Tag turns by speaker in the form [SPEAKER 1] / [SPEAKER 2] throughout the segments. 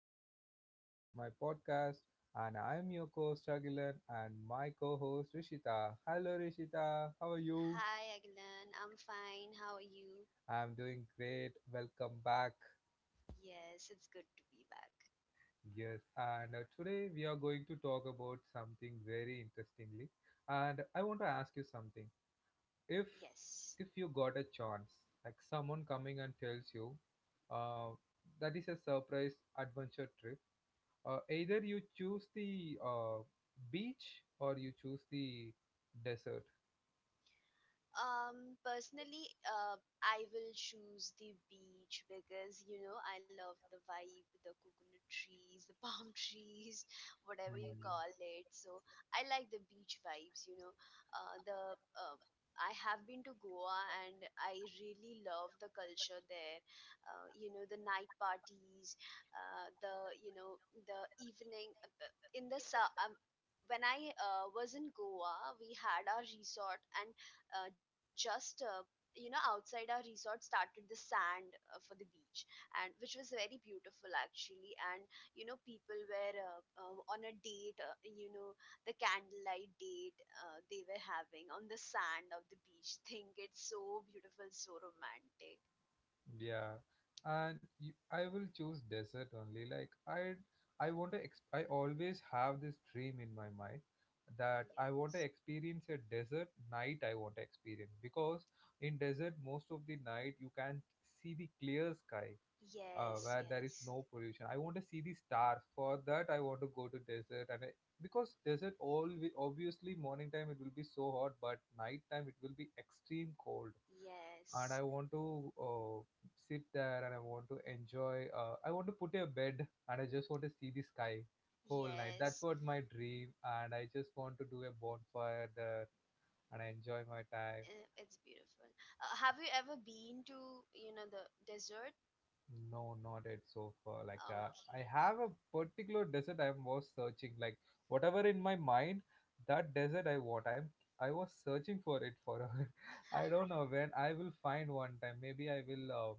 [SPEAKER 1] to the another episode of my podcast. And I'm your co-host Agilan and my co-host Rishita. Hello Rishita, how are you?
[SPEAKER 2] Hi Aglan, I'm fine. How are you?
[SPEAKER 1] I'm doing great. Welcome back.
[SPEAKER 2] Yes, it's good to be back.
[SPEAKER 1] Yes, and today we are going to talk about something very interestingly. And I want to ask you something. If
[SPEAKER 2] Yes.
[SPEAKER 1] if you got a chance, like someone coming and tells you, uh, that is a surprise adventure trip, either you choose the beach or you choose the desert.
[SPEAKER 2] Personally, I will choose the beach because you know I love the vibe, the coconut trees, the palm trees, whatever you call it. So I like the beach vibes. You know, the uh, I have been to Goa and I really love the culture there. You know, the night parties, the you know the evening when I was in Goa, we had our resort and just you know outside our resort started the sand for the beach, and which was very beautiful actually. And you know people were on a date, you know, the candlelight date they were having on the sand of the beach. Think it's so beautiful, so romantic.
[SPEAKER 1] Yeah. And you, I will choose desert only. Like I want to I always have this dream in my mind that I want to
[SPEAKER 2] Yes,
[SPEAKER 1] experience a desert night. I want to experience because in desert most of the night you can see the clear sky,
[SPEAKER 2] yes,
[SPEAKER 1] where there is
[SPEAKER 2] yes,
[SPEAKER 1] no pollution. I want to see the stars. For that, I want to go to desert, and I, because desert, all obviously morning time it will be so hot, but night time it will be extreme cold. And I
[SPEAKER 2] yes,
[SPEAKER 1] want to sit there, and I want to enjoy. I want to put a bed, and I just want to see the sky whole night. That's
[SPEAKER 2] yes.
[SPEAKER 1] what my dream, and I just want to do a bonfire there, and I enjoy my time.
[SPEAKER 2] It's beautiful. Have you ever been to, you know, the desert?
[SPEAKER 1] No, not yet so far. Like I have a particular desert I was searching. Like whatever in my mind, that desert I want. I was searching for it for.
[SPEAKER 2] Okay.
[SPEAKER 1] I don't know when I will find one time. Maybe I will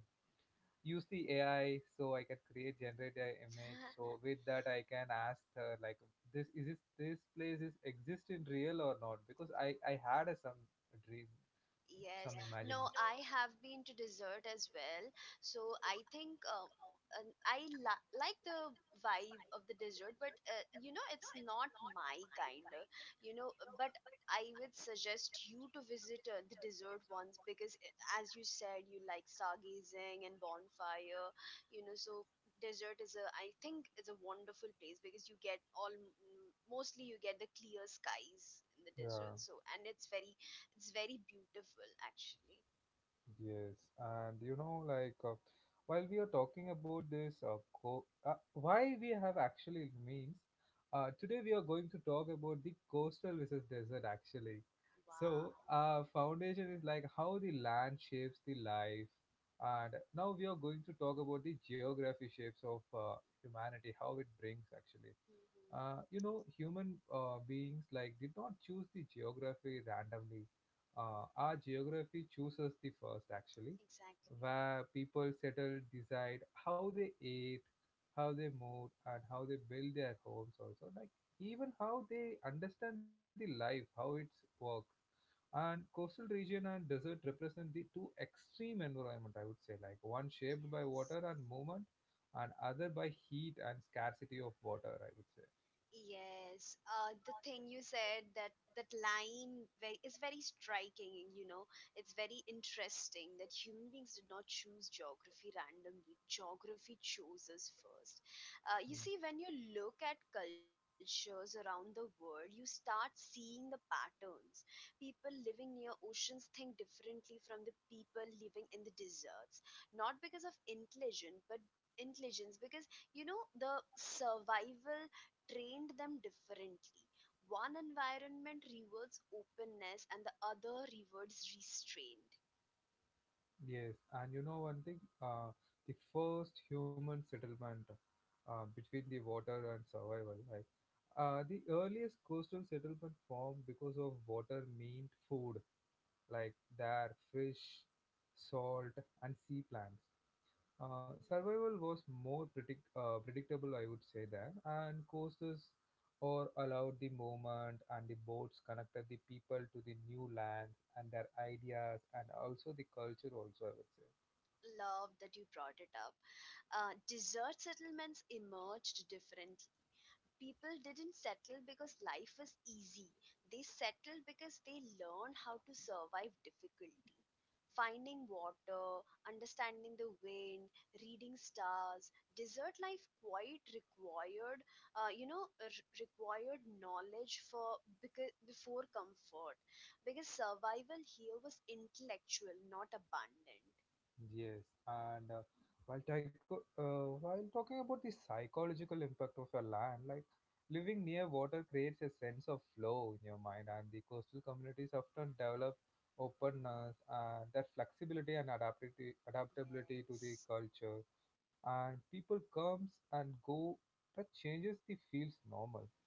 [SPEAKER 1] use the AI so I can create generate an image. So with that I can ask her like this is this place is exist in real or not? Because I had a, some dream, some
[SPEAKER 2] Yes. No,
[SPEAKER 1] imagination.
[SPEAKER 2] I have been to dessert as well. So I think and I like the vibe of the dessert, but you know, it's not my kind. You know, but I would suggest you to visit the dessert ones because, as you said, you like stargazing and bonfire. You know, so dessert is a, I think it's a wonderful place because you get all, mostly you get the clear skies in the desert,
[SPEAKER 1] Yeah.
[SPEAKER 2] so, and it's very beautiful, actually.
[SPEAKER 1] Yes, and you know, like while we are talking about this, why we have actually means, today we are going to talk about the coastal versus desert actually.
[SPEAKER 2] Wow.
[SPEAKER 1] So, foundation is like how the land shapes the life, and now we are going to talk about the geography shapes of humanity, how it brings actually.
[SPEAKER 2] Hmm.
[SPEAKER 1] You know, human beings like did not choose the geography randomly. Our geography chooses the first actually,
[SPEAKER 2] Exactly.
[SPEAKER 1] where people settle, decide how they ate, how they moved, and how they build their homes. Also, like even how they understand the life, how it works. And coastal region and desert represent the two extreme environment. I would say like one shaped by
[SPEAKER 2] Yes.
[SPEAKER 1] water and movement, and other by heat and scarcity of water. I would say.
[SPEAKER 2] Yes, the thing you said, that line very, is very striking. You know, it's very interesting that human beings did not choose geography randomly. Geography chose us first. You see, when you look at cultures around the world, you start seeing the patterns. People living near oceans think differently from the people living in the deserts, not because of intelligence, but intelligence, because you know the survival trained them differently. One environment rewards openness, and the other rewards restraint.
[SPEAKER 1] Yes, and you know one thing, the first human settlement between the water and survival, right? The earliest coastal settlement formed because of water meant food, like their fish, salt, and sea plants. Survival was more predictable, I would say that, and coasters or allowed the movement and the boats connected the people to the new lands and their ideas and also the culture also, I would say.
[SPEAKER 2] Love that you brought it up. Desert settlements emerged differently. People didn't settle because life was easy. They settled because they learned how to survive difficulty. Finding water, understanding the wind, reading stars. Desert life quite required, you know, required knowledge for, because, before comfort. Because survival here was intellectual, not abundant.
[SPEAKER 1] Yes, and while while talking about the psychological impact of a land, like living near water creates a sense of flow in your mind, and the coastal communities often develop openness and that flexibility and adaptability to the
[SPEAKER 2] Yes.
[SPEAKER 1] culture, and people comes and go that changes the feels normal.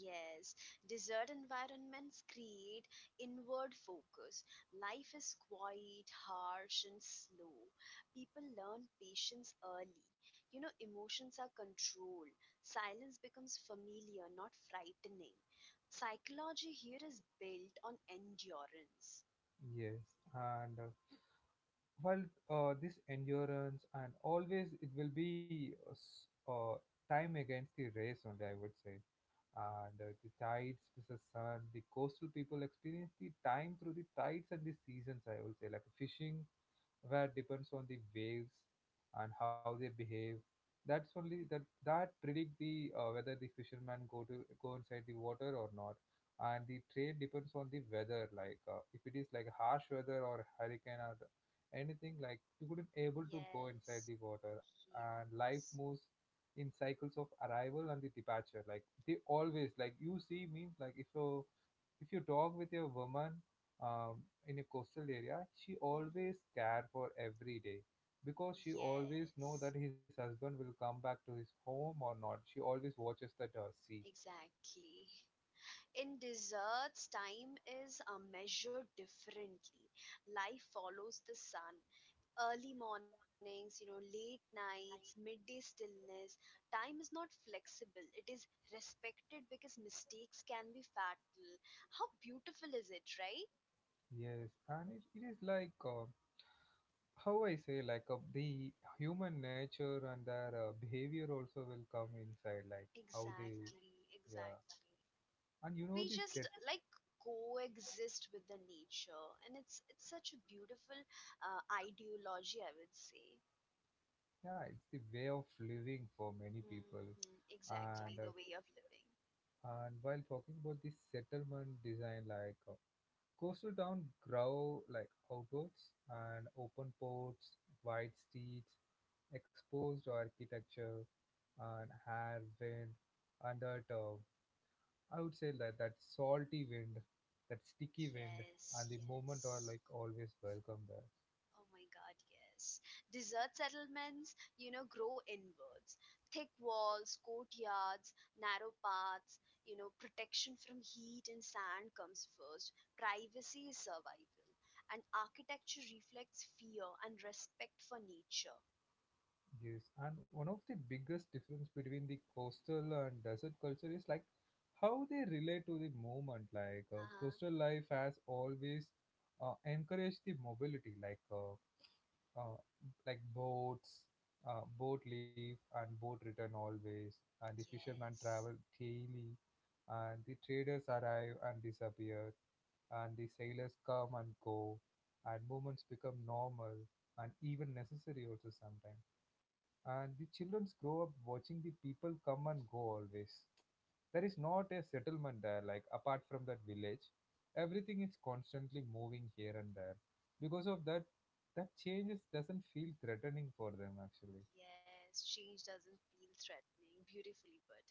[SPEAKER 2] Yes, desert environments create inward focus. Life is quiet, harsh, and slow. People learn patience early. You know, emotions are controlled. Silence becomes familiar, not frightening. Psychology here is built on endurance.
[SPEAKER 1] Yes, and well, this endurance and always it will be time against the race only, I would say. And the tides with the sun, the coastal people experience the time through the tides and the seasons, I would say, like fishing where depends on the waves and how they behave. That's only that that predict the whether the fishermen go to go inside the water or not. And the trade depends on the weather, like if it is like harsh weather or hurricane or anything, like you couldn't able to go inside
[SPEAKER 2] Yes,
[SPEAKER 1] the water. And life moves
[SPEAKER 2] yes.
[SPEAKER 1] in cycles of arrival and the departure. Like they always like you see means like if you talk with a woman um, in a coastal area, she always
[SPEAKER 2] Hmm.
[SPEAKER 1] care for every day because she always know that
[SPEAKER 2] Yes,
[SPEAKER 1] his husband will come back to his home or not. She always watches that sea.
[SPEAKER 2] exactly. In deserts, time is measured differently. Life follows the sun. Early mornings, you know, late nights, midday stillness. Time is not flexible. It is respected because mistakes can be fatal. How beautiful is it, right?
[SPEAKER 1] Yes, and it is like how I say like the human nature and their behavior also will come inside like how they.
[SPEAKER 2] Exactly,
[SPEAKER 1] Yeah.
[SPEAKER 2] exactly.
[SPEAKER 1] And you know
[SPEAKER 2] We
[SPEAKER 1] this.
[SPEAKER 2] just like coexist with the nature, and it's such a beautiful ideology, I would say.
[SPEAKER 1] Yeah, it's the way of living for many people.
[SPEAKER 2] Hmm.
[SPEAKER 1] And
[SPEAKER 2] Exactly, the way of living.
[SPEAKER 1] And while talking about the settlement design, like coastal town grow like outwards and open ports, wide streets, exposed architecture, and air wind, and that I would say that that salty wind, that sticky wind, and
[SPEAKER 2] Yes,
[SPEAKER 1] the moment are
[SPEAKER 2] yes.
[SPEAKER 1] like always welcome there.
[SPEAKER 2] Oh my God, yes. Desert settlements, you know, grow inwards. Thick walls, courtyards, narrow paths, you know, protection from heat and sand comes first. Privacy is survival. And architecture reflects fear and respect for nature.
[SPEAKER 1] Yes, and one of the biggest difference between the coastal and desert culture is like how they relate to the movement. Like
[SPEAKER 2] Uh-huh.
[SPEAKER 1] coastal life has always encouraged the mobility, uh, like boats, boat leave and boat return always, and the fishermen travel
[SPEAKER 2] Yes.
[SPEAKER 1] daily, and the traders arrive and disappear, and the sailors come and go, and movements become normal and even necessary also sometimes, and the children grow up watching the people come and go always. There is not a settlement there, like apart from that village everything is constantly moving here and there. Because of that, that changes doesn't feel threatening for them actually.
[SPEAKER 2] Yes, change doesn't feel threatening, beautifully put.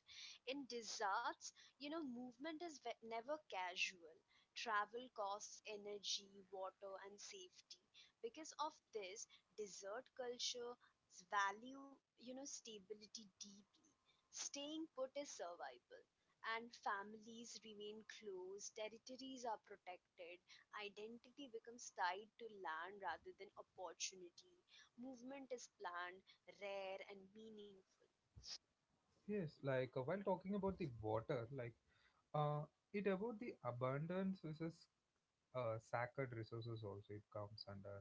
[SPEAKER 2] In deserts, you know, movement is never casual. Travel costs energy, water, and safety. Because of this, desert culture value, you know, stability deeply. Staying put is survival. And families remain close, territories are protected, identity becomes tied to land rather than opportunity, movement is planned, rare and meaningful.
[SPEAKER 1] Yes, like while talking about the water, like uh, it about the abundance versus sacred resources also it comes under.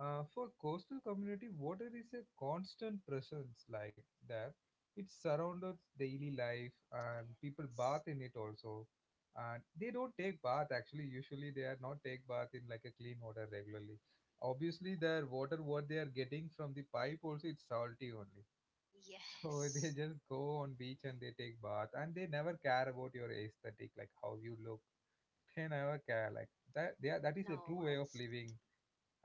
[SPEAKER 1] For coastal community, water is a constant presence like that. It surrounds daily life and people bath
[SPEAKER 2] Yes.
[SPEAKER 1] in it also. And they don't take bath actually. Usually they are not take bath in like a clean water regularly. Obviously their water what they are getting from the pipe also it's salty only. So they
[SPEAKER 2] Yes.
[SPEAKER 1] just go on beach and they take bath and they never care about your aesthetic like how you look. They never care like that. They are, that is
[SPEAKER 2] No,
[SPEAKER 1] the true way
[SPEAKER 2] absolutely.
[SPEAKER 1] of living,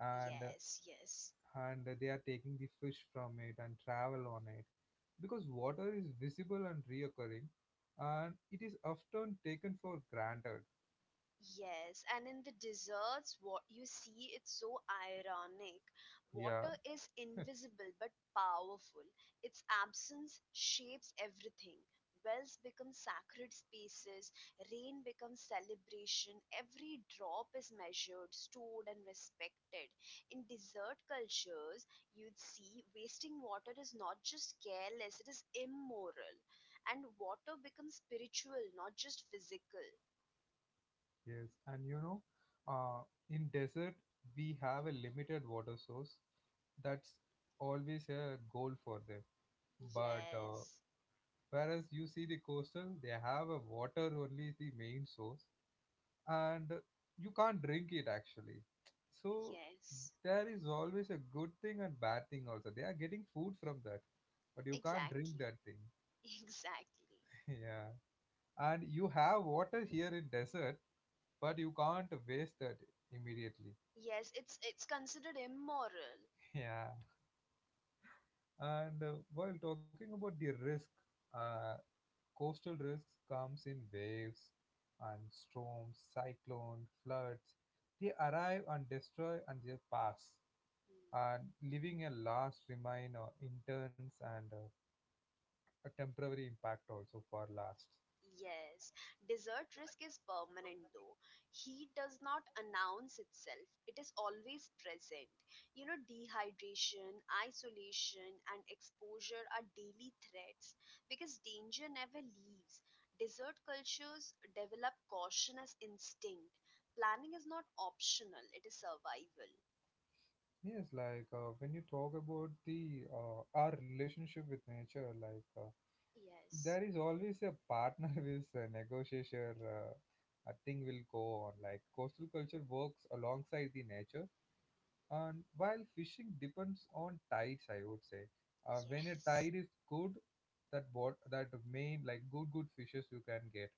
[SPEAKER 1] and
[SPEAKER 2] yes.
[SPEAKER 1] and they are taking the fish from it and travel on it because water is visible and reoccurring, and it is often taken for granted.
[SPEAKER 2] Yes, and in the desserts, what you see, it's so ironic.
[SPEAKER 1] Yeah.
[SPEAKER 2] Water is invisible but powerful. Its absence shapes everything. Wells become sacred spaces, rain becomes celebration, every drop is measured, stored, and respected. In desert cultures, you'd see wasting water is not just careless, it is immoral. And water becomes spiritual, not just physical.
[SPEAKER 1] Yes, and you know, uh, in desert we have a limited water source, that's always a goal for them, but
[SPEAKER 2] Yes,
[SPEAKER 1] whereas you see the coastal, they have a water only the main source, and you can't drink it actually. So
[SPEAKER 2] yes,
[SPEAKER 1] there is always a good thing and bad thing also. They are getting food from that, but you can't drink
[SPEAKER 2] exactly,
[SPEAKER 1] that thing.
[SPEAKER 2] exactly.
[SPEAKER 1] Yeah, and you have water here in desert, but you can't waste that immediately.
[SPEAKER 2] Yes, it's considered immoral.
[SPEAKER 1] Yeah, and while talking about the risk, uh, coastal risks comes in waves and storms, cyclone, floods. They arrive and destroy and they pass,
[SPEAKER 2] Hmm.
[SPEAKER 1] and leaving a last remain interns and a temporary impact also for last.
[SPEAKER 2] Yes, desert risk is permanent though. Heat does not announce itself. It is always present. You know, dehydration, isolation, and exposure are daily threats because danger never leaves. Desert cultures develop caution as instinct. Planning is not optional, it is survival.
[SPEAKER 1] Yes, like when you talk about the our relationship with nature, like
[SPEAKER 2] Yes.
[SPEAKER 1] there is always a partner with a negotiator. A thing will go on. Like coastal culture works alongside the nature. And while fishing depends on tides, I would say. When a
[SPEAKER 2] Yes.
[SPEAKER 1] tide is good, that bot that main like good fishes you can get,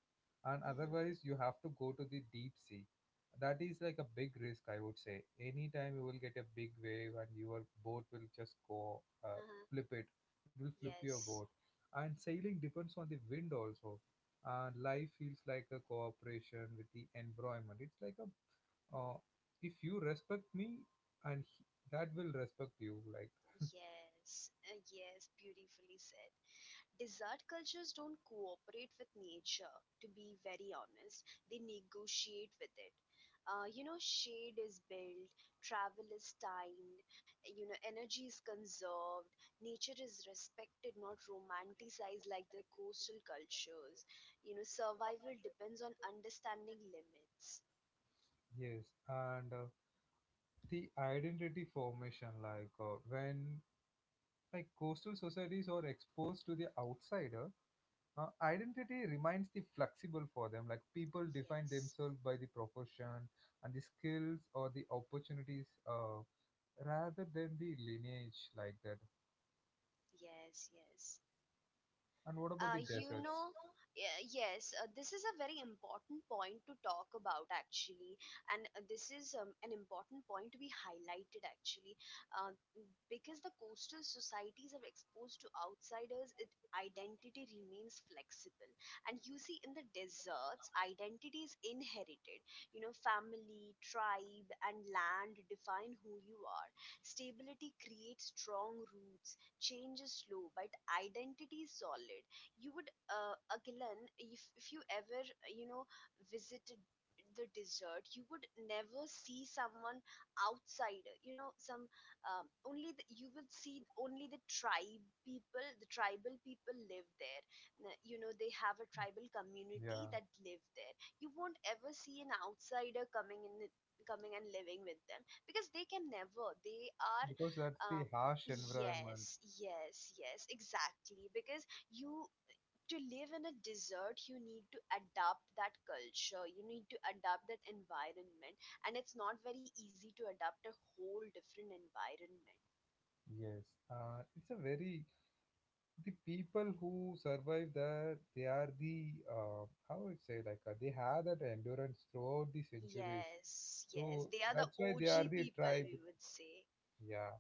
[SPEAKER 1] and
[SPEAKER 2] Mm-hmm.
[SPEAKER 1] otherwise you have to go to the deep sea. That is like a big risk, I would say. Anytime you will get a big wave and your boat will just go
[SPEAKER 2] Uh-huh.
[SPEAKER 1] flip it. It will flip your
[SPEAKER 2] Yes.
[SPEAKER 1] boat. And sailing depends on the wind also. And life feels like a cooperation with the environment. It's like a uh, if you respect me and he, that will respect you like.
[SPEAKER 2] Yes. Yes. Beautifully said. Desert cultures don't cooperate with nature, to be very honest. They negotiate with it. You know, shade is built, travel is timed, you know, energy is conserved, nature is respected, not romanticized like the coastal cultures. You know, survival depends on understanding limits.
[SPEAKER 1] Yes, and the identity formation like when like coastal societies are exposed to the outsider, identity remains the flexible for them, like people define
[SPEAKER 2] Yes.
[SPEAKER 1] themselves by the profession and the skills or the opportunities, rather than the lineage like that.
[SPEAKER 2] Yes, yes.
[SPEAKER 1] And what about the
[SPEAKER 2] You
[SPEAKER 1] deserts?
[SPEAKER 2] know, yes, this is a very important point to talk about actually, and this is an important point to be highlighted actually, uh, because the coastal societies are exposed to outsiders. It identity remains flexible, and you see in the deserts, identity is inherited. You know, family, tribe, and land define who you are. Stability creates strong roots. Change is slow, but identity is solid. You would again, if you ever, you know, visited the desert, you would never see someone outsider, you know, some only the, you will see only the tribe people, the tribal people live there. You know, they have a tribal community
[SPEAKER 1] Yeah,
[SPEAKER 2] that live there. You won't ever see an outsider coming in, coming and living with them, because they can never, they are
[SPEAKER 1] because that's the
[SPEAKER 2] um,
[SPEAKER 1] harsh environment.
[SPEAKER 2] yes, yes, yes, exactly, because you, to live in a desert you need to adapt that culture, you need to adapt that environment, and it's not very easy to adapt a whole different environment.
[SPEAKER 1] Yes, it's a very, the people who survive that they are the how would say like they have that endurance throughout the centuries.
[SPEAKER 2] Yes, yes,
[SPEAKER 1] So
[SPEAKER 2] they are the
[SPEAKER 1] that's why they
[SPEAKER 2] OG
[SPEAKER 1] are the
[SPEAKER 2] people,
[SPEAKER 1] tribe.
[SPEAKER 2] we would say.
[SPEAKER 1] Yeah,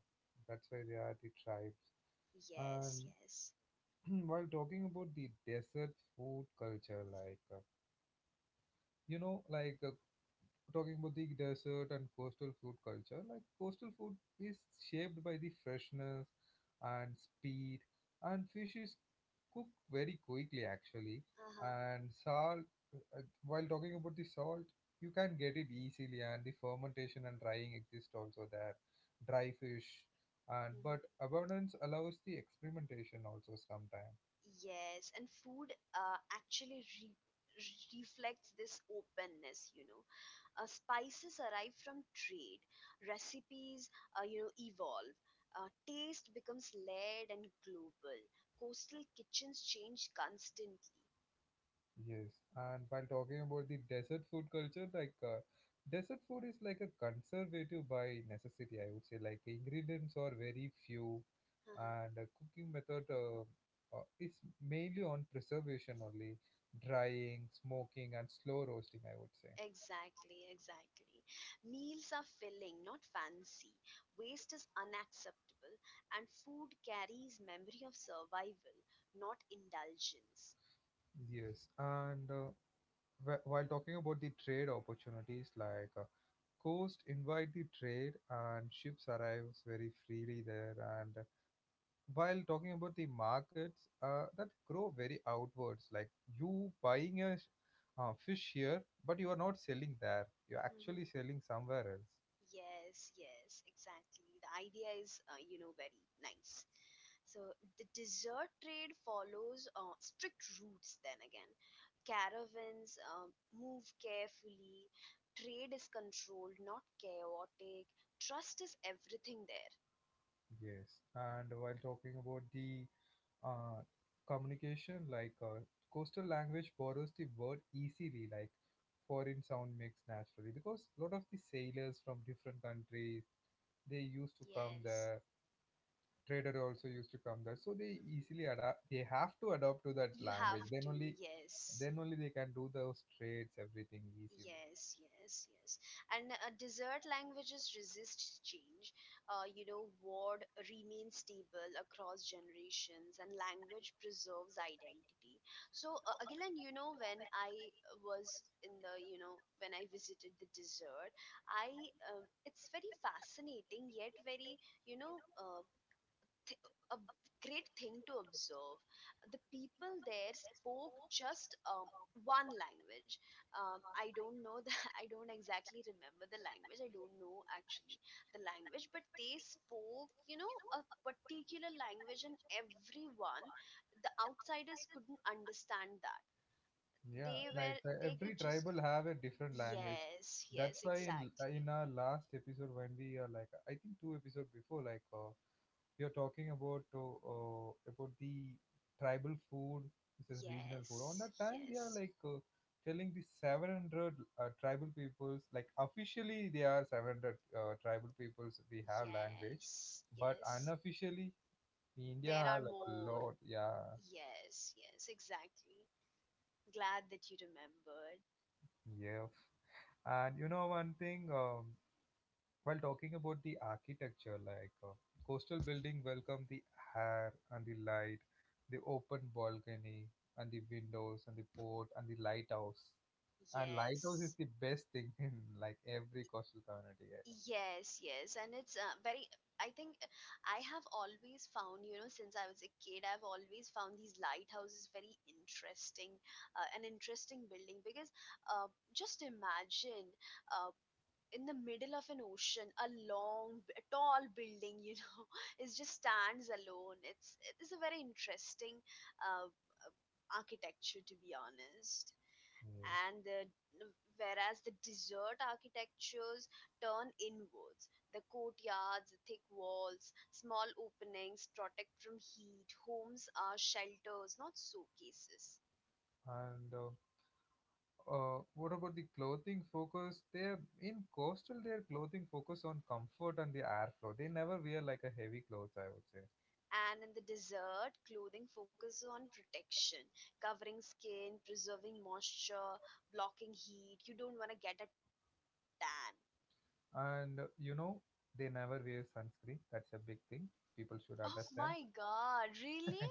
[SPEAKER 1] that's why they are the tribes.
[SPEAKER 2] Yes,
[SPEAKER 1] And
[SPEAKER 2] yes.
[SPEAKER 1] while talking about the desert food culture, like you know, like talking about the desert and coastal food culture, like coastal food is shaped by the freshness and speed, and fish is cooked very quickly actually.
[SPEAKER 2] Uh-huh.
[SPEAKER 1] And salt, while talking about the salt, you can get it easily, and the fermentation and drying exist also there. Dry fish, and but
[SPEAKER 2] Mm-hmm.
[SPEAKER 1] abundance allows the experimentation also sometimes.
[SPEAKER 2] Yes, and food actually reflects this openness, you know. Spices arrive from trade, recipes, you know, evolve. Taste becomes layered and global. Coastal kitchens change constantly.
[SPEAKER 1] Yes, and while talking about the desert food culture, like desert food is like a conservative by necessity, I would say. Like ingredients are very few,
[SPEAKER 2] Uh-huh.
[SPEAKER 1] and cooking method is mainly on preservation only, drying, smoking, and slow roasting, I would say.
[SPEAKER 2] Exactly, exactly. Meals are filling, not fancy. Waste is unacceptable, and food carries memory of survival, not indulgence.
[SPEAKER 1] Yes, and while talking about the trade opportunities, like coast invite the trade and ships arrives very freely there, and while talking about the markets that grow very outwards, like you buying a fish here, but you are not selling there, you're actually selling somewhere else.
[SPEAKER 2] Yes, yes, exactly. The idea is, you know, very nice. So the dessert trade follows strict routes, then again. Caravans move carefully, trade is controlled, not chaotic. Trust is everything there.
[SPEAKER 1] Yes, and while talking about the uh, communication, like coastal language borrows the word easily, like foreign sound mix naturally because a lot of the sailors from different countries, they used to come
[SPEAKER 2] Yes.
[SPEAKER 1] there. Trader also used to come there, so they
[SPEAKER 2] Mhm.
[SPEAKER 1] easily adapt. They have to adapt to that
[SPEAKER 2] You
[SPEAKER 1] language.
[SPEAKER 2] have
[SPEAKER 1] Then
[SPEAKER 2] to,
[SPEAKER 1] only,
[SPEAKER 2] yes.
[SPEAKER 1] then only they can do those trades everything easily.
[SPEAKER 2] Yes, yes, yes. And desert languages resist change. You know, word remains stable across generations, and language preserves identity. So, Agilan, you know, when I was in the, you know, when I visited the desert, I, it's very fascinating yet very, you know, th- a great thing to observe. The people there spoke just one language. I don't know the, I don't exactly remember the language. I don't know actually the language, but they spoke, you know, a particular language, and everyone, the outsiders couldn't understand that.
[SPEAKER 1] Yeah,
[SPEAKER 2] They
[SPEAKER 1] like
[SPEAKER 2] were, they
[SPEAKER 1] every
[SPEAKER 2] could just,
[SPEAKER 1] tribal have a different language.
[SPEAKER 2] yes, yes,
[SPEAKER 1] That's why in
[SPEAKER 2] exactly.
[SPEAKER 1] our last episode when we are like, I think two episode before, like we are talking about the tribal food, this is regional food. On
[SPEAKER 2] Yes,
[SPEAKER 1] that time they are
[SPEAKER 2] yes,
[SPEAKER 1] like telling the 700 tribal peoples, like officially they are 700 tribal peoples we have language,
[SPEAKER 2] yes,
[SPEAKER 1] but
[SPEAKER 2] yes.
[SPEAKER 1] unofficially India
[SPEAKER 2] There are
[SPEAKER 1] have like a
[SPEAKER 2] more.
[SPEAKER 1] lot. Yeah.
[SPEAKER 2] Yes, yes, exactly. Glad that you remembered.
[SPEAKER 1] Yeah, and you know one thing, while talking about the architecture, like coastal building welcome the air and the light, the open balcony and the windows and the port and the lighthouse. And lighthouse is
[SPEAKER 2] Yes,
[SPEAKER 1] the best thing in like every coastal community area.
[SPEAKER 2] yes, yes. And it's very, I think I have always found, you know, since I was a kid, I've always found these lighthouses very interesting, an interesting building, because uh, just imagine uh, in the middle of an ocean, a long, a tall building, you know, it just stands alone. It's a very interesting uh, architecture, to be honest.
[SPEAKER 1] Yes.
[SPEAKER 2] And the, whereas the desert architectures turn inwards, the courtyards, thick walls, small openings protect from heat, homes are shelters, not showcases.
[SPEAKER 1] And what about the clothing focus? They are in coastal, their clothing focus on comfort and the airflow. They never wear like a heavy clothes, I would say.
[SPEAKER 2] And in the desert, clothing focuses on protection, covering skin, preserving moisture, blocking heat. You don't want to get a tan.
[SPEAKER 1] And you know, they never wear sunscreen. That's a big thing. People should
[SPEAKER 2] Oh
[SPEAKER 1] understand.
[SPEAKER 2] my God, really?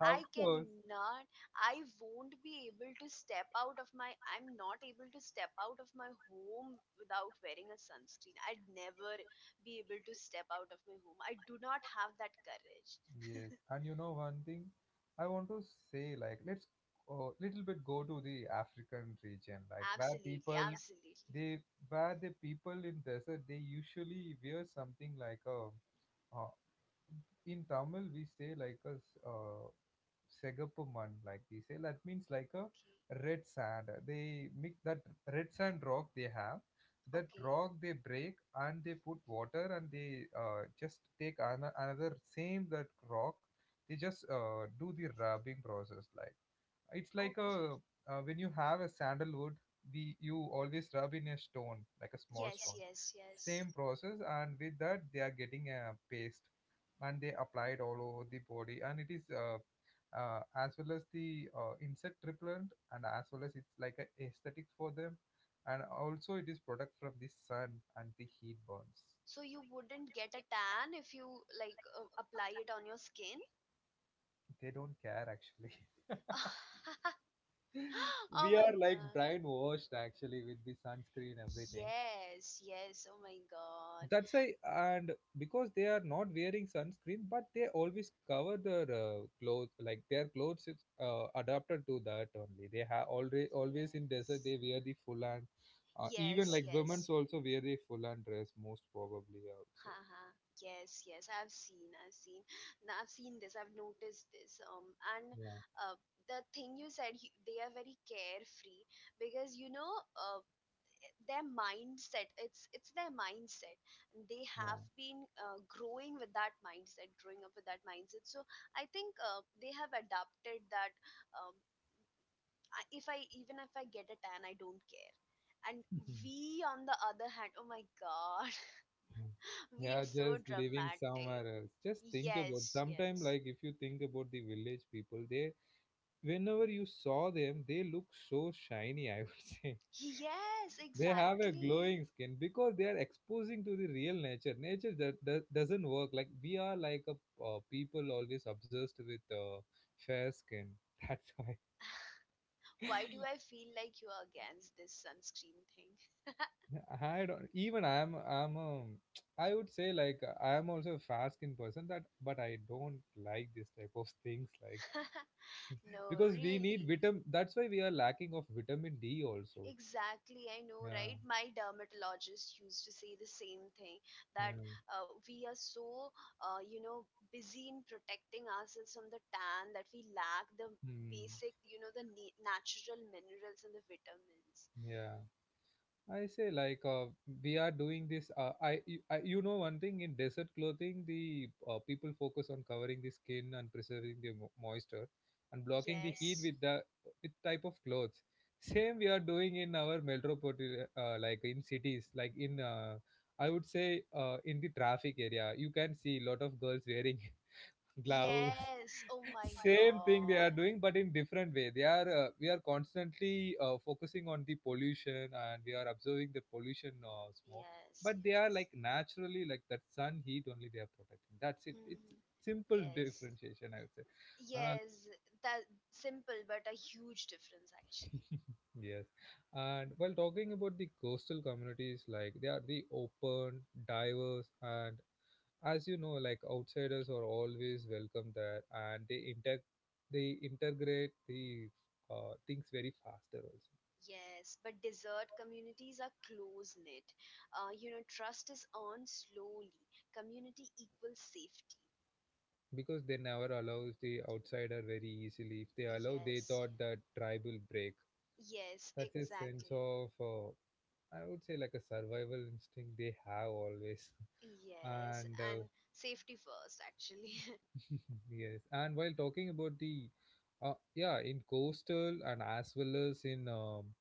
[SPEAKER 1] Of
[SPEAKER 2] I
[SPEAKER 1] course.
[SPEAKER 2] cannot, I won't be able to step out of my, I'm not able to step out of my home without wearing a sunscreen. I'd never be able to step out of my home. I do not have that courage.
[SPEAKER 1] Yes, and you know one thing, I want to say, like, let's little bit go to the African region, like where
[SPEAKER 2] Absolutely,
[SPEAKER 1] people. Yeah.
[SPEAKER 2] absolutely.
[SPEAKER 1] They where the people in desert, they usually wear something like a uh, in Tamil we say like a Segapuman, like we say, that means like a
[SPEAKER 2] Okay,
[SPEAKER 1] red sand. They mix that red sand rock they have. That
[SPEAKER 2] okay,
[SPEAKER 1] rock they break and they put water and they just take another same that rock. They just do the rubbing process, like. It's like
[SPEAKER 2] okay.
[SPEAKER 1] a when you have a sandalwood, we you always rub in a stone, like a small
[SPEAKER 2] Yes,
[SPEAKER 1] stone.
[SPEAKER 2] yes,
[SPEAKER 1] Yes.
[SPEAKER 2] yes.
[SPEAKER 1] Same process, and with that they are getting a paste, and they apply it all over the body, and it is as well as the insect repellent, and as well as it's like a aesthetic for them, and also it is product from the sun and the heat burns.
[SPEAKER 2] So you wouldn't get a tan if you like apply it on your skin?
[SPEAKER 1] They don't care actually.
[SPEAKER 2] Oh
[SPEAKER 1] We
[SPEAKER 2] my
[SPEAKER 1] are like
[SPEAKER 2] God.
[SPEAKER 1] brainwashed actually with the sunscreen everything.
[SPEAKER 2] Yes, yes. Oh my God.
[SPEAKER 1] That's why. And because they are not wearing sunscreen, but they always cover their clothes, like their clothes is adapted to that only. They have already, always in desert they
[SPEAKER 2] Yes.
[SPEAKER 1] wear the full, and even
[SPEAKER 2] Yes,
[SPEAKER 1] like women's
[SPEAKER 2] yes.
[SPEAKER 1] also wear the full and dress most probably also.
[SPEAKER 2] Haha. Yes, yes. I've seen, I've seen. Now I've seen this, I've noticed this. And
[SPEAKER 1] Yeah.
[SPEAKER 2] uh, the thing you said, they are very carefree, because you know, their mindset, it's their mindset. They
[SPEAKER 1] Yeah.
[SPEAKER 2] have been growing with that mindset, growing up with that mindset. So I think they have adapted that. um, if I, even if I get a tan, I don't care. And we on the other hand, oh my God,
[SPEAKER 1] Mhm.
[SPEAKER 2] we are
[SPEAKER 1] Yeah,
[SPEAKER 2] so
[SPEAKER 1] just living somewhere
[SPEAKER 2] dramatic.
[SPEAKER 1] else. Just think about
[SPEAKER 2] Yes,
[SPEAKER 1] sometime,
[SPEAKER 2] yes,
[SPEAKER 1] like if you think about the village people, they, whenever you saw them, they look so shiny, I would say.
[SPEAKER 2] yes,
[SPEAKER 1] They have a
[SPEAKER 2] exactly.
[SPEAKER 1] glowing skin because they are exposing to the real nature. Nature that, that doesn't work. Like we are like a people always obsessed with fair skin. That's why
[SPEAKER 2] Why do I feel like you are against this sunscreen thing?
[SPEAKER 1] I don't even I'm I would say, like, I'm also a fair skin person that, but I don't like this type of things, like,
[SPEAKER 2] No,
[SPEAKER 1] because we need
[SPEAKER 2] really.
[SPEAKER 1] vitamin. That's why we are lacking of vitamin D also.
[SPEAKER 2] Exactly, I know,
[SPEAKER 1] Yeah.
[SPEAKER 2] right? My dermatologist used to say the same thing,
[SPEAKER 1] Yeah.
[SPEAKER 2] that we are so, you know, busy in protecting ourselves from the tan that we lack the
[SPEAKER 1] Hmm.
[SPEAKER 2] basic, you know, the natural minerals and the vitamins.
[SPEAKER 1] Yeah. I say like we are doing this. I you know one thing, in desert clothing, the people focus on covering the skin and preserving the moisture and blocking the heat
[SPEAKER 2] Yes,
[SPEAKER 1] with the with type of clothes. Same we are doing in our metropolitan, like in cities, like in I would say in the traffic area, you can see lot of girls wearing gloves,
[SPEAKER 2] yes. Oh my
[SPEAKER 1] same thing they
[SPEAKER 2] God.
[SPEAKER 1] are doing but in different way. They are we are constantly focusing on the pollution and we are observing the pollution, smoke,
[SPEAKER 2] Yes,
[SPEAKER 1] but they are
[SPEAKER 2] yes.
[SPEAKER 1] like naturally like that sun heat only they are protecting. That's it. It's
[SPEAKER 2] Hmm.
[SPEAKER 1] simple
[SPEAKER 2] Yes,
[SPEAKER 1] differentiation, I would say. uh,
[SPEAKER 2] yes. That simple, but a huge difference actually.
[SPEAKER 1] Yes. And while talking about the coastal communities, like they are the open, diverse, and as you know, like outsiders are always welcome there, and they inter they integrate the things very faster also,
[SPEAKER 2] Yes, but desert communities are close knit. You know, trust is earned slowly. Community equals safety.
[SPEAKER 1] because they never allows the outsider very easily. If they allow, they
[SPEAKER 2] Yes,
[SPEAKER 1] thought that tribe will break.
[SPEAKER 2] yeah. Yes,
[SPEAKER 1] That's a sense
[SPEAKER 2] exactly.
[SPEAKER 1] of I would say like a survival instinct they have always,
[SPEAKER 2] Yes,
[SPEAKER 1] and
[SPEAKER 2] and safety first, actually.
[SPEAKER 1] Yes, and while talking about the, yeah, in coastal and as well as in um,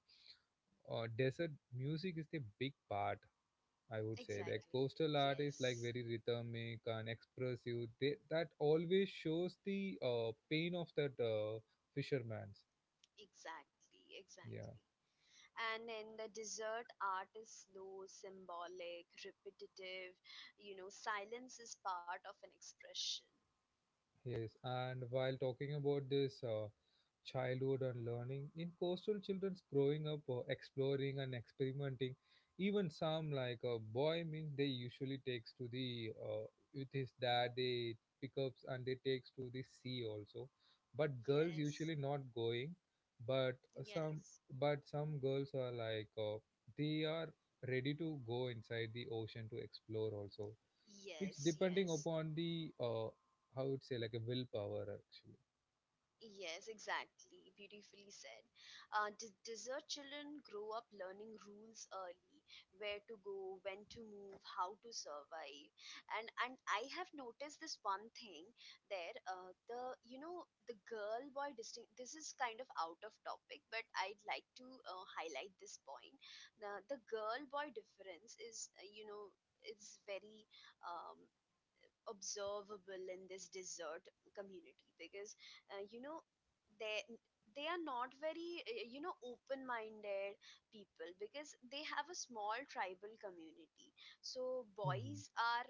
[SPEAKER 1] uh, desert, music is the big part. I would say the
[SPEAKER 2] Exactly.
[SPEAKER 1] coastal art is like
[SPEAKER 2] Yes,
[SPEAKER 1] very rhythmic and expressive. They, that always shows the pain of that fisherman's.
[SPEAKER 2] exactly,
[SPEAKER 1] Yeah,
[SPEAKER 2] exactly. And in the desert, art is slow, symbolic, repetitive. You know, silence is part of an expression.
[SPEAKER 1] yes. And while talking about this. Childhood and learning, in coastal children's growing up exploring and experimenting, even some like a boy means they usually takes to the with his dad they pick up and they takes to the sea also, but girls
[SPEAKER 2] Yes,
[SPEAKER 1] usually not going. But some
[SPEAKER 2] yes.
[SPEAKER 1] some girls are like they are ready to go inside the ocean to explore also. It's
[SPEAKER 2] Yes,
[SPEAKER 1] depending
[SPEAKER 2] yes,
[SPEAKER 1] upon the how would say like a willpower actually.
[SPEAKER 2] yes, exactly. Beautifully said. Desert children grow up learning rules early, where to go, when to move, how to survive, and I have noticed this one thing there. The you know the girl boy distinct. This is kind of out of topic, but I'd like to highlight this point. The girl boy difference is you know is very um, observable in this desert community because uh, you know they they are not very open minded people because they have a small tribal community, so boys are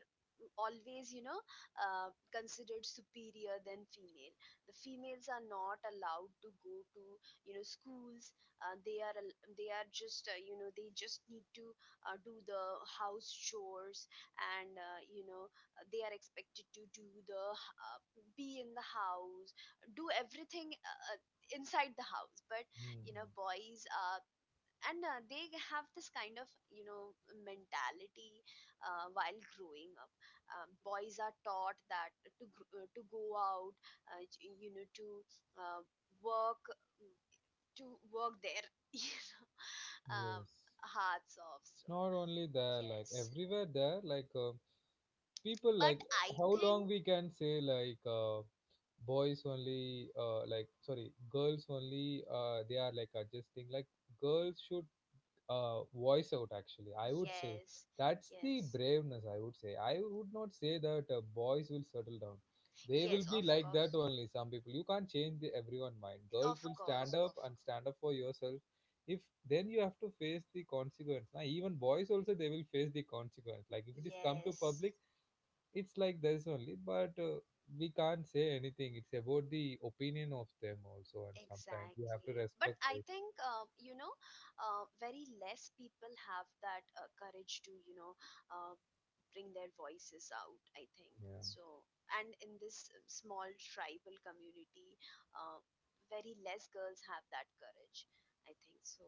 [SPEAKER 2] always considered superior than female. The females are not allowed to go to schools. Uh, they are al- they are just you know they just need to do the house chores, and they are expected to do the be in the house, do everything inside the house. But
[SPEAKER 1] Hmm.
[SPEAKER 2] boys, and they have this kind of mentality while growing up. Boys are taught that to go out, uh, to uh, work work their you know, um, hearts off,
[SPEAKER 1] It's
[SPEAKER 2] so
[SPEAKER 1] not only there, like
[SPEAKER 2] yes,
[SPEAKER 1] everywhere there, like people
[SPEAKER 2] but
[SPEAKER 1] like,
[SPEAKER 2] I
[SPEAKER 1] how long
[SPEAKER 2] think.
[SPEAKER 1] we can say like boys only, like sorry, girls only. They are like adjusting. Like girls should voice out actually, I would say.
[SPEAKER 2] Yes,
[SPEAKER 1] That's the
[SPEAKER 2] yes.
[SPEAKER 1] braveness, I would say. I would not say that boys will settle down. They will
[SPEAKER 2] Yes,
[SPEAKER 1] be
[SPEAKER 2] of
[SPEAKER 1] like that
[SPEAKER 2] course.
[SPEAKER 1] only. Some people you can't change the everyone mind. Girls
[SPEAKER 2] Of
[SPEAKER 1] will stand
[SPEAKER 2] course,
[SPEAKER 1] up
[SPEAKER 2] of course.
[SPEAKER 1] and stand up for yourself. If then you have to face the consequence. Now even boys also they will face the consequence, like if it is come to
[SPEAKER 2] Yes,
[SPEAKER 1] public. It's like this only, but we can't say anything. It's about the opinion of them also, and sometimes we have to
[SPEAKER 2] exactly. But
[SPEAKER 1] respect.
[SPEAKER 2] I think, very less people have that courage to, uh, bring their voices out, I think.
[SPEAKER 1] Yeah.
[SPEAKER 2] So, and in this small tribal community, uh, very less girls have that courage, I think. So,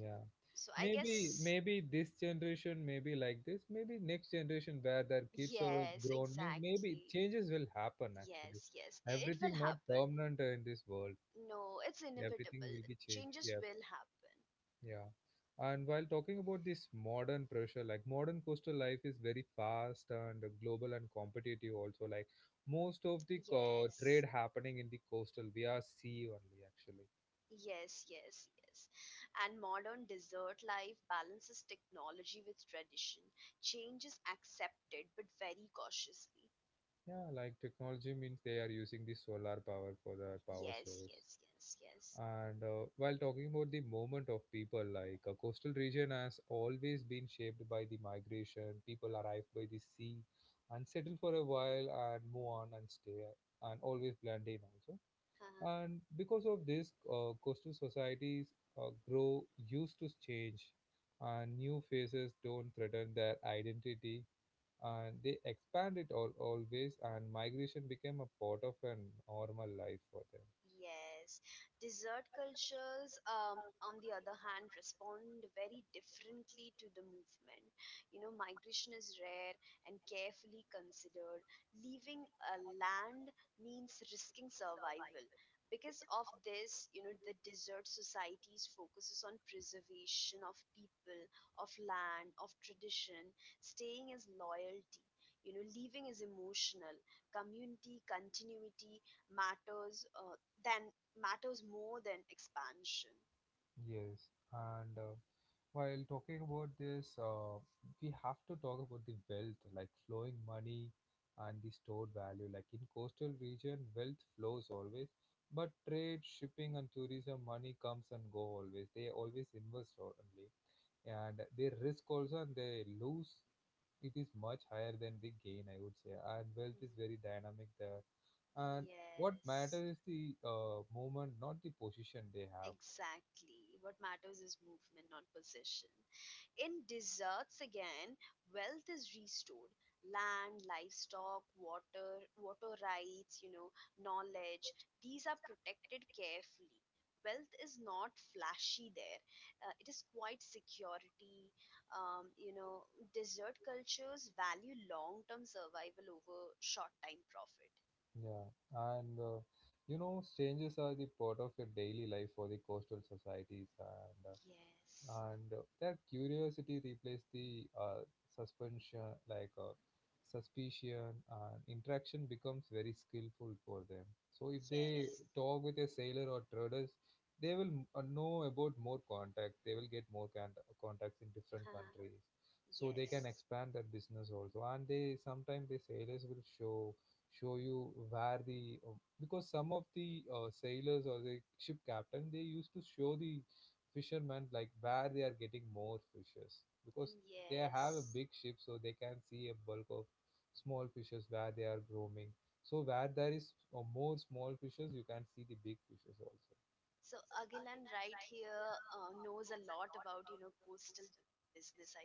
[SPEAKER 1] Yeah.
[SPEAKER 2] so I
[SPEAKER 1] Maybe,
[SPEAKER 2] guess,
[SPEAKER 1] maybe this generation may be like this. Maybe next generation where their kids are
[SPEAKER 2] yes,
[SPEAKER 1] grown means maybe
[SPEAKER 2] exactly.
[SPEAKER 1] changes will happen actually.
[SPEAKER 2] Yes, yes, it will
[SPEAKER 1] Everything not
[SPEAKER 2] happen.
[SPEAKER 1] permanent in this world.
[SPEAKER 2] No, it's
[SPEAKER 1] Everything
[SPEAKER 2] inevitable.
[SPEAKER 1] will be changed.
[SPEAKER 2] Changes
[SPEAKER 1] Yeah.
[SPEAKER 2] will happen.
[SPEAKER 1] Yeah. And while talking about this modern pressure, like modern coastal life is very fast and global and competitive also. Like most of the
[SPEAKER 2] Yes,
[SPEAKER 1] trade happening in the coastal via sea only actually.
[SPEAKER 2] yes, yes, yes. And modern dessert life balances technology with tradition. Change is accepted, but very cautiously.
[SPEAKER 1] Yeah, like technology means they are using the solar power for their power
[SPEAKER 2] Yes,
[SPEAKER 1] source.
[SPEAKER 2] yes, yes, yes.
[SPEAKER 1] And while talking about the movement of people, like a coastal region has always been shaped by the migration. People arrive by the sea and settle for a while
[SPEAKER 2] Mhm.
[SPEAKER 1] and move on and stay and always blend in also. And because of this, coastal societies grow used to change, and new faces don't threaten their identity, and they expanded all, always, and migration became a part of a normal life for them.
[SPEAKER 2] Yes, dessert cultures, on the other hand, respond very differently to the movement. You know, migration is rare and carefully considered. Leaving a land means risking survival. Because of this, you know, the dessert societies focuses on preservation of people, of land, of tradition. Staying is loyalty. You know, leaving is emotional, community, continuity, matters uh, than matters more than expansion.
[SPEAKER 1] Yes, and while talking about this, we have to talk about the wealth, like flowing money and the stored value. Like in coastal region wealth flows always, but trade, shipping and tourism money comes and go always. They always invest only, and they risk also, and they lose. It is much higher than the gain, I would say. And wealth is
[SPEAKER 2] Mhm.
[SPEAKER 1] very dynamic there, and what
[SPEAKER 2] Yes,
[SPEAKER 1] matters is the movement, not the position they have.
[SPEAKER 2] exactly. What matters is movement, not possession. In deserts again, wealth is restored. Land, livestock, water rights, you know, knowledge, these are protected carefully. Wealth is not flashy there. It is quite security. Um, you know, Desert cultures value long term survival over short time profit.
[SPEAKER 1] Yeah, and you know, strangers are the part of your daily life for the coastal societies, and
[SPEAKER 2] Yes,
[SPEAKER 1] that curiosity replaced the suspension, like suspicion, and interaction becomes very skillful for them. So if they
[SPEAKER 2] yes,
[SPEAKER 1] talk with a sailor or traders, they will know about more contacts. They will get more contacts in different countries, so they can
[SPEAKER 2] yes,
[SPEAKER 1] expand their business also. And they, sometimes the sailors will show, show you where the because some of the sailors or the ship captain, they used to show the fishermen like where they are getting more fishes, because they have a
[SPEAKER 2] yes.
[SPEAKER 1] big ship so they can see a bulk of small fishes where they are roaming. So where there is more small fishes, you can see the big fishes also.
[SPEAKER 2] So Agilan right here knows a lot about coastal business, I think.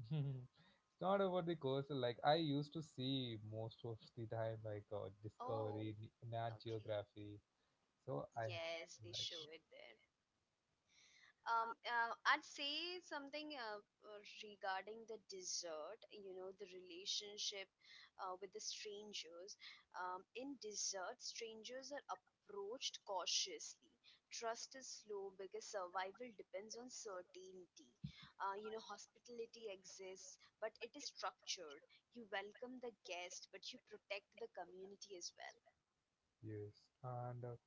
[SPEAKER 1] It's not about the coastal. Like, I used to see most of the time, like
[SPEAKER 2] Oh,
[SPEAKER 1] Discovery, Nat
[SPEAKER 2] okay.
[SPEAKER 1] Geography, so I,
[SPEAKER 2] Yes, they
[SPEAKER 1] like.
[SPEAKER 2] show it there. I'd say something regarding the dessert, the relationship with the strangers. In dessert, strangers are approached cautiously. Trust is slow because survival depends on certainty. Hospitality exists, but it is structured. You welcome the guest, but you protect the community as well.
[SPEAKER 1] Yes, and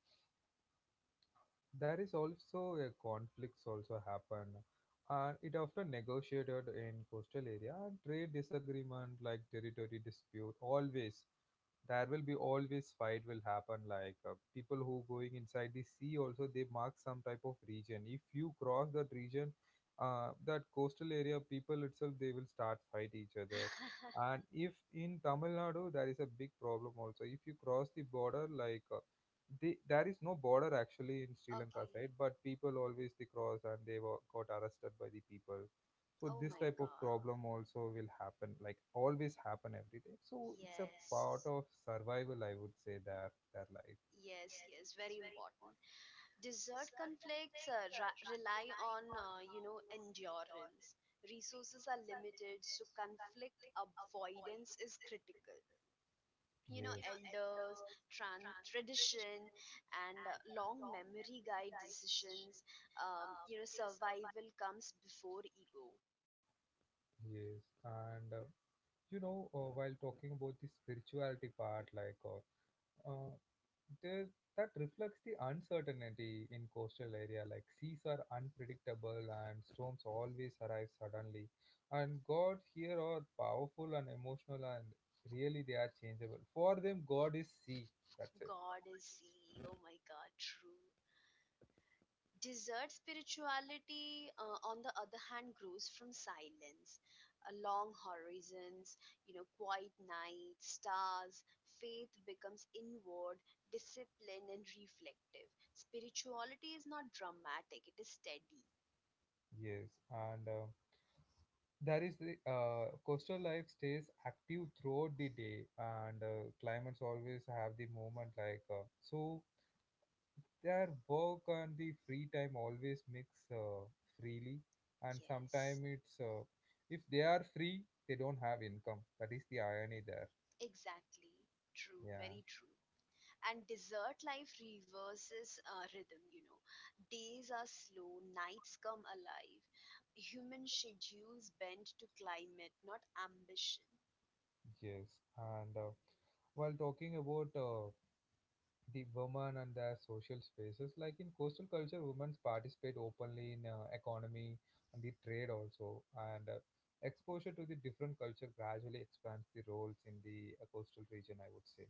[SPEAKER 1] there is also A conflicts also happen, and it often negotiated in coastal area and trade disagreement like territory dispute always there will be always fight will happen like people who going inside the sea also they mark some type of region if you cross that region that coastal area people itself they will start fight each other. And if in Tamil Nadu there is a big problem also if you cross the border like there is no border actually in Sri Lanka
[SPEAKER 2] Okay.
[SPEAKER 1] side, but people always they cross and got arrested by the people. So
[SPEAKER 2] Oh
[SPEAKER 1] this
[SPEAKER 2] my
[SPEAKER 1] type of
[SPEAKER 2] God.
[SPEAKER 1] problem also will happen, like always happen every day, so it's a
[SPEAKER 2] Yes.
[SPEAKER 1] part of survival, I would say, their life.
[SPEAKER 2] Yes, yes, very important. Desert conflicts rely on, endurance. Resources are limited, so conflict avoidance is critical. You know,
[SPEAKER 1] Yes. Yes.
[SPEAKER 2] elders, tradition, and long memory guide decisions. Survival comes before ego.
[SPEAKER 1] Yes, and you know, while talking about the spirituality part, like uh, the, that reflects the uncertainty in coastal area, like seas are unpredictable and storms always arrive suddenly, and god here are powerful and emotional and really they are changeable. For them, god is sea. That's it.
[SPEAKER 2] God is sea. Oh my God, true. Desert spirituality, on the other hand, grows from silence, long horizons, you know, quiet nights, stars. Faith becomes inward, disciplined, and reflective. Spirituality is not dramatic; it is steady.
[SPEAKER 1] Yes, and there is the coastal life stays active throughout the day, and climates always have the movement, like so their work and the free time always mix uh, freely, and
[SPEAKER 2] Yes,
[SPEAKER 1] sometimes it's if they are free, they don't have income. That is the irony there.
[SPEAKER 2] exactly. True.
[SPEAKER 1] Yeah.
[SPEAKER 2] Very true. And desert life reverses rhythm, you know. Days are slow, nights come alive. Human schedules bend to climate, not ambition.
[SPEAKER 1] Yes, and while talking about the women and their social spaces, like in coastal culture women participate openly in economy and the trade also, and exposure to the different culture gradually expands the roles in the coastal region, I would say.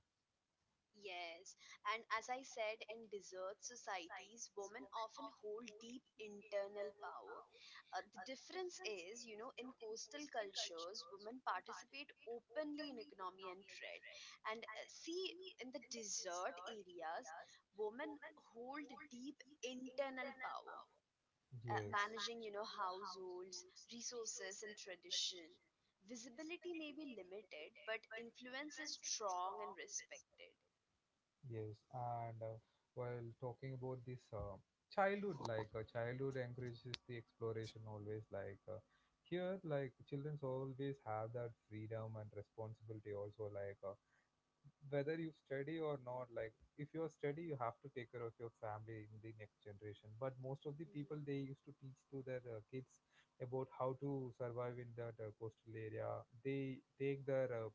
[SPEAKER 2] Yes, and as I said, in desert societies, women often hold deep internal power. The difference is, you know, in coastal cultures, women participate openly in economy and trade. And see, in the desert areas, women hold deep internal power,
[SPEAKER 1] Yes.
[SPEAKER 2] managing, you know, households, resources, and tradition. Visibility may be limited, but influence is strong and respected.
[SPEAKER 1] Yes, and while talking about this childhood, like childhood encourages the exploration always. Like here, like childrens always have that freedom and responsibility also. Like whether you study or not, like if you study you have to take care of your family in the next generation, but most of the
[SPEAKER 2] Mhm.
[SPEAKER 1] people they used to teach to their kids about how to survive in that coastal area. They take their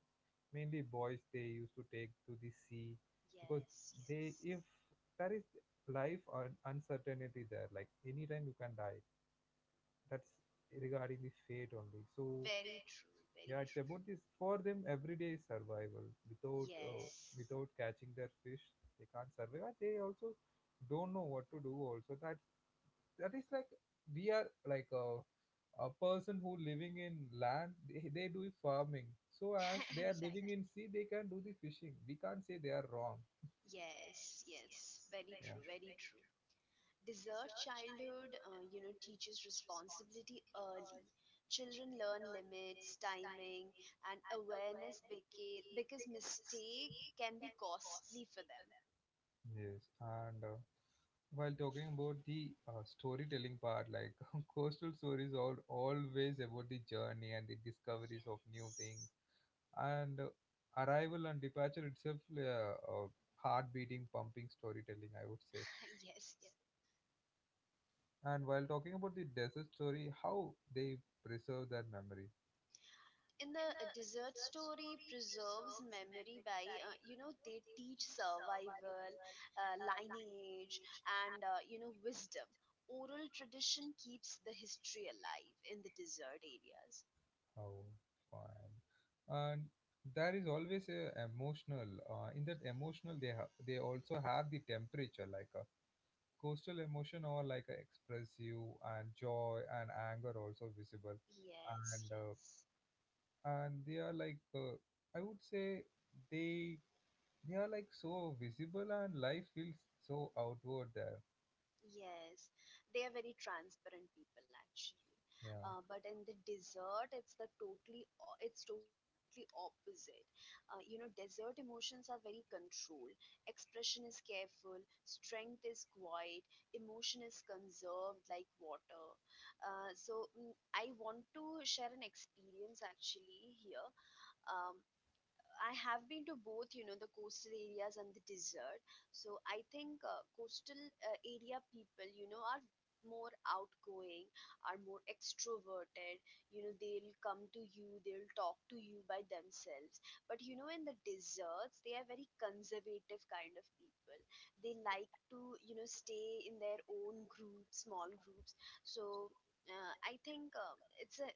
[SPEAKER 1] mainly boys they used to take to the sea, because
[SPEAKER 2] Yes,
[SPEAKER 1] they
[SPEAKER 2] yes.
[SPEAKER 1] if there is life or uncertainty there, like anytime you can die. That's regarding the fate only. So
[SPEAKER 2] Very true,
[SPEAKER 1] yeah,
[SPEAKER 2] very
[SPEAKER 1] it's
[SPEAKER 2] true.
[SPEAKER 1] about this. For them, everyday survival. Without
[SPEAKER 2] Yes.
[SPEAKER 1] without catching their fish, they can't survive. And they also don't know what to do. Also, that is like we are like a person who living in land. They do farming. So as
[SPEAKER 2] Hmm.
[SPEAKER 1] they are living
[SPEAKER 2] Exactly.
[SPEAKER 1] in sea, they can do the fishing. We can't say they are wrong.
[SPEAKER 2] Yes, yes. Very
[SPEAKER 1] Yeah.
[SPEAKER 2] true, very true. Dessert childhood, teaches responsibility early. Children learn limits, timing, and awareness because mistake can be costly for them.
[SPEAKER 1] True. Yes. And while talking about the storytelling part, like coastal stories are always about the journey and the discoveries of new
[SPEAKER 2] Yes.
[SPEAKER 1] things, and arrival and departure itself, heart-beating, pumping storytelling, I would say.
[SPEAKER 2] Yes, yes.
[SPEAKER 1] And while talking about the desert story, how they preserve that memory,
[SPEAKER 2] In the desert, story preserves memory by, they teach survival, uh, lineage, and wisdom. Oral tradition keeps the history alive in the desert areas.
[SPEAKER 1] how fine, and there is always a emotional. In that emotional, they have they also have the temperature, like. Coastal emotion are like expressive, and joy and anger also visible,
[SPEAKER 2] Yes,
[SPEAKER 1] and uh,
[SPEAKER 2] yes.
[SPEAKER 1] and they are like I would say they are like so visible, and life feels so outward there.
[SPEAKER 2] Yes, they are very transparent people actually.
[SPEAKER 1] Yeah.
[SPEAKER 2] But in the desert, it's totally opposite. Desert emotions are very controlled. Expression is careful, strength is quiet, emotion is conserved like water. So, I want to share an experience actually here. Um, I have been to both, you know, the coastal areas and the desert. So I think coastal area people, you know, are more outgoing, are more extroverted. You know, they'll come to you, they'll talk to you by themselves. But, in the deserts, they are very conservative kind of people. They like to, stay in their own group, small groups. So I think it's a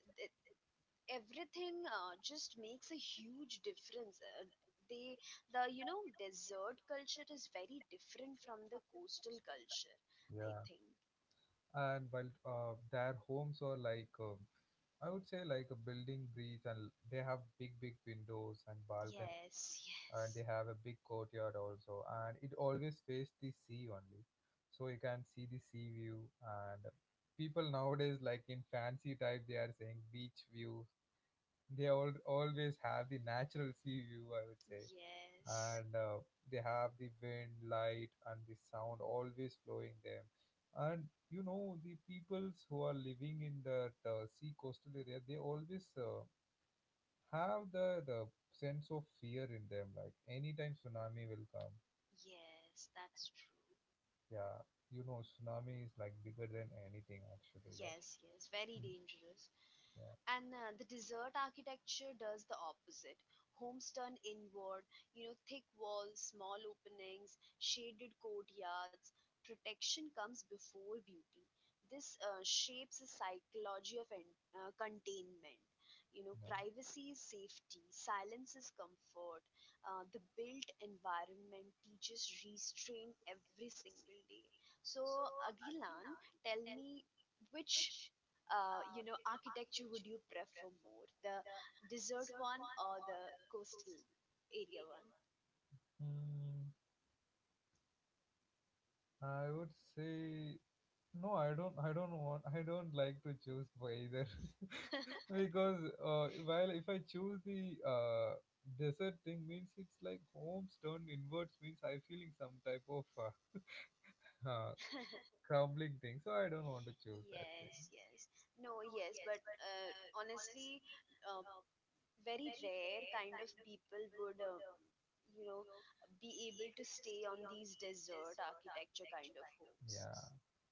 [SPEAKER 2] everything just makes a huge difference. Uh, they the you know desert culture is very different from the coastal culture, I
[SPEAKER 1] Yeah.
[SPEAKER 2] think.
[SPEAKER 1] And while their homes are like I would say like a building breeze, and they have big big windows and balconies,
[SPEAKER 2] Yes,
[SPEAKER 1] and
[SPEAKER 2] yes.
[SPEAKER 1] they have a big courtyard also, and it always faced the sea only, so you can see the sea view. And people nowadays, like in fancy type, they are saying beach view. They all always have the natural sea view, I would say.
[SPEAKER 2] Yes,
[SPEAKER 1] And they have the wind, light, and the sound always flowing them. And you know, the peoples who are living in that sea coastal area, they always have the sense of fear in them, like anytime tsunami will come.
[SPEAKER 2] yes. That's true.
[SPEAKER 1] Yeah. You know, tsunami is like bigger than anything actually, like
[SPEAKER 2] Yes, yes, very dangerous.
[SPEAKER 1] yeah.
[SPEAKER 2] And the desert architecture does the opposite. Homes turn inward, you know, thick walls, small openings, shaded courtyards. Protection comes before beauty. This shapes the psychology of containment. You know, privacy is safety, silence is comfort. The built environment teaches restraint every single day. So, Agilan, tell me, which architecture would you prefer more, the desert one or the coastal area one?
[SPEAKER 1] Mm, I would say no. I don't want. I don't like to choose for either, because while if I choose the desert thing, means it's like homes turned inwards, means I feeling some type of uh, crumbling thing. So I don't want to choose that thing.
[SPEAKER 2] Yes, yes. No, yes, but honestly, uh, very rare kind of people would you know be able to stay on these desert architecture kind of homes,
[SPEAKER 1] Yeah.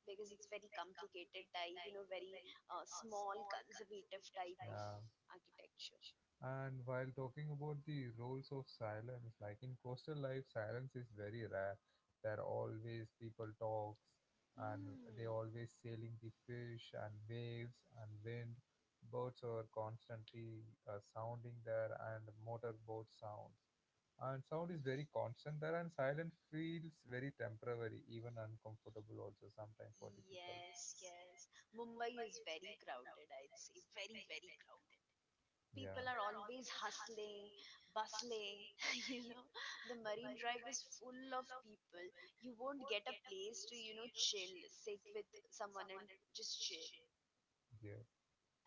[SPEAKER 2] because it's very complicated type, you know, very small conservative type of
[SPEAKER 1] Yeah.
[SPEAKER 2] architecture.
[SPEAKER 1] And while talking about the roles of silence, like in coastal life, silence is very rare. There are always people talks, and
[SPEAKER 2] Hmm.
[SPEAKER 1] they always sailing the fish and waves and wind. Boats are constantly sounding there, and motorboat sounds. And sound is very constant there, and silence feels very temporary, even uncomfortable also sometimes for the people.
[SPEAKER 2] Yes, yes. Mumbai is very crowded, I'd say. Very, very crowded. People are always hustling, bustling, you know. The Marine Drive is full of people. You won't get a place to, chill, sit with someone and just chill.
[SPEAKER 1] Yeah.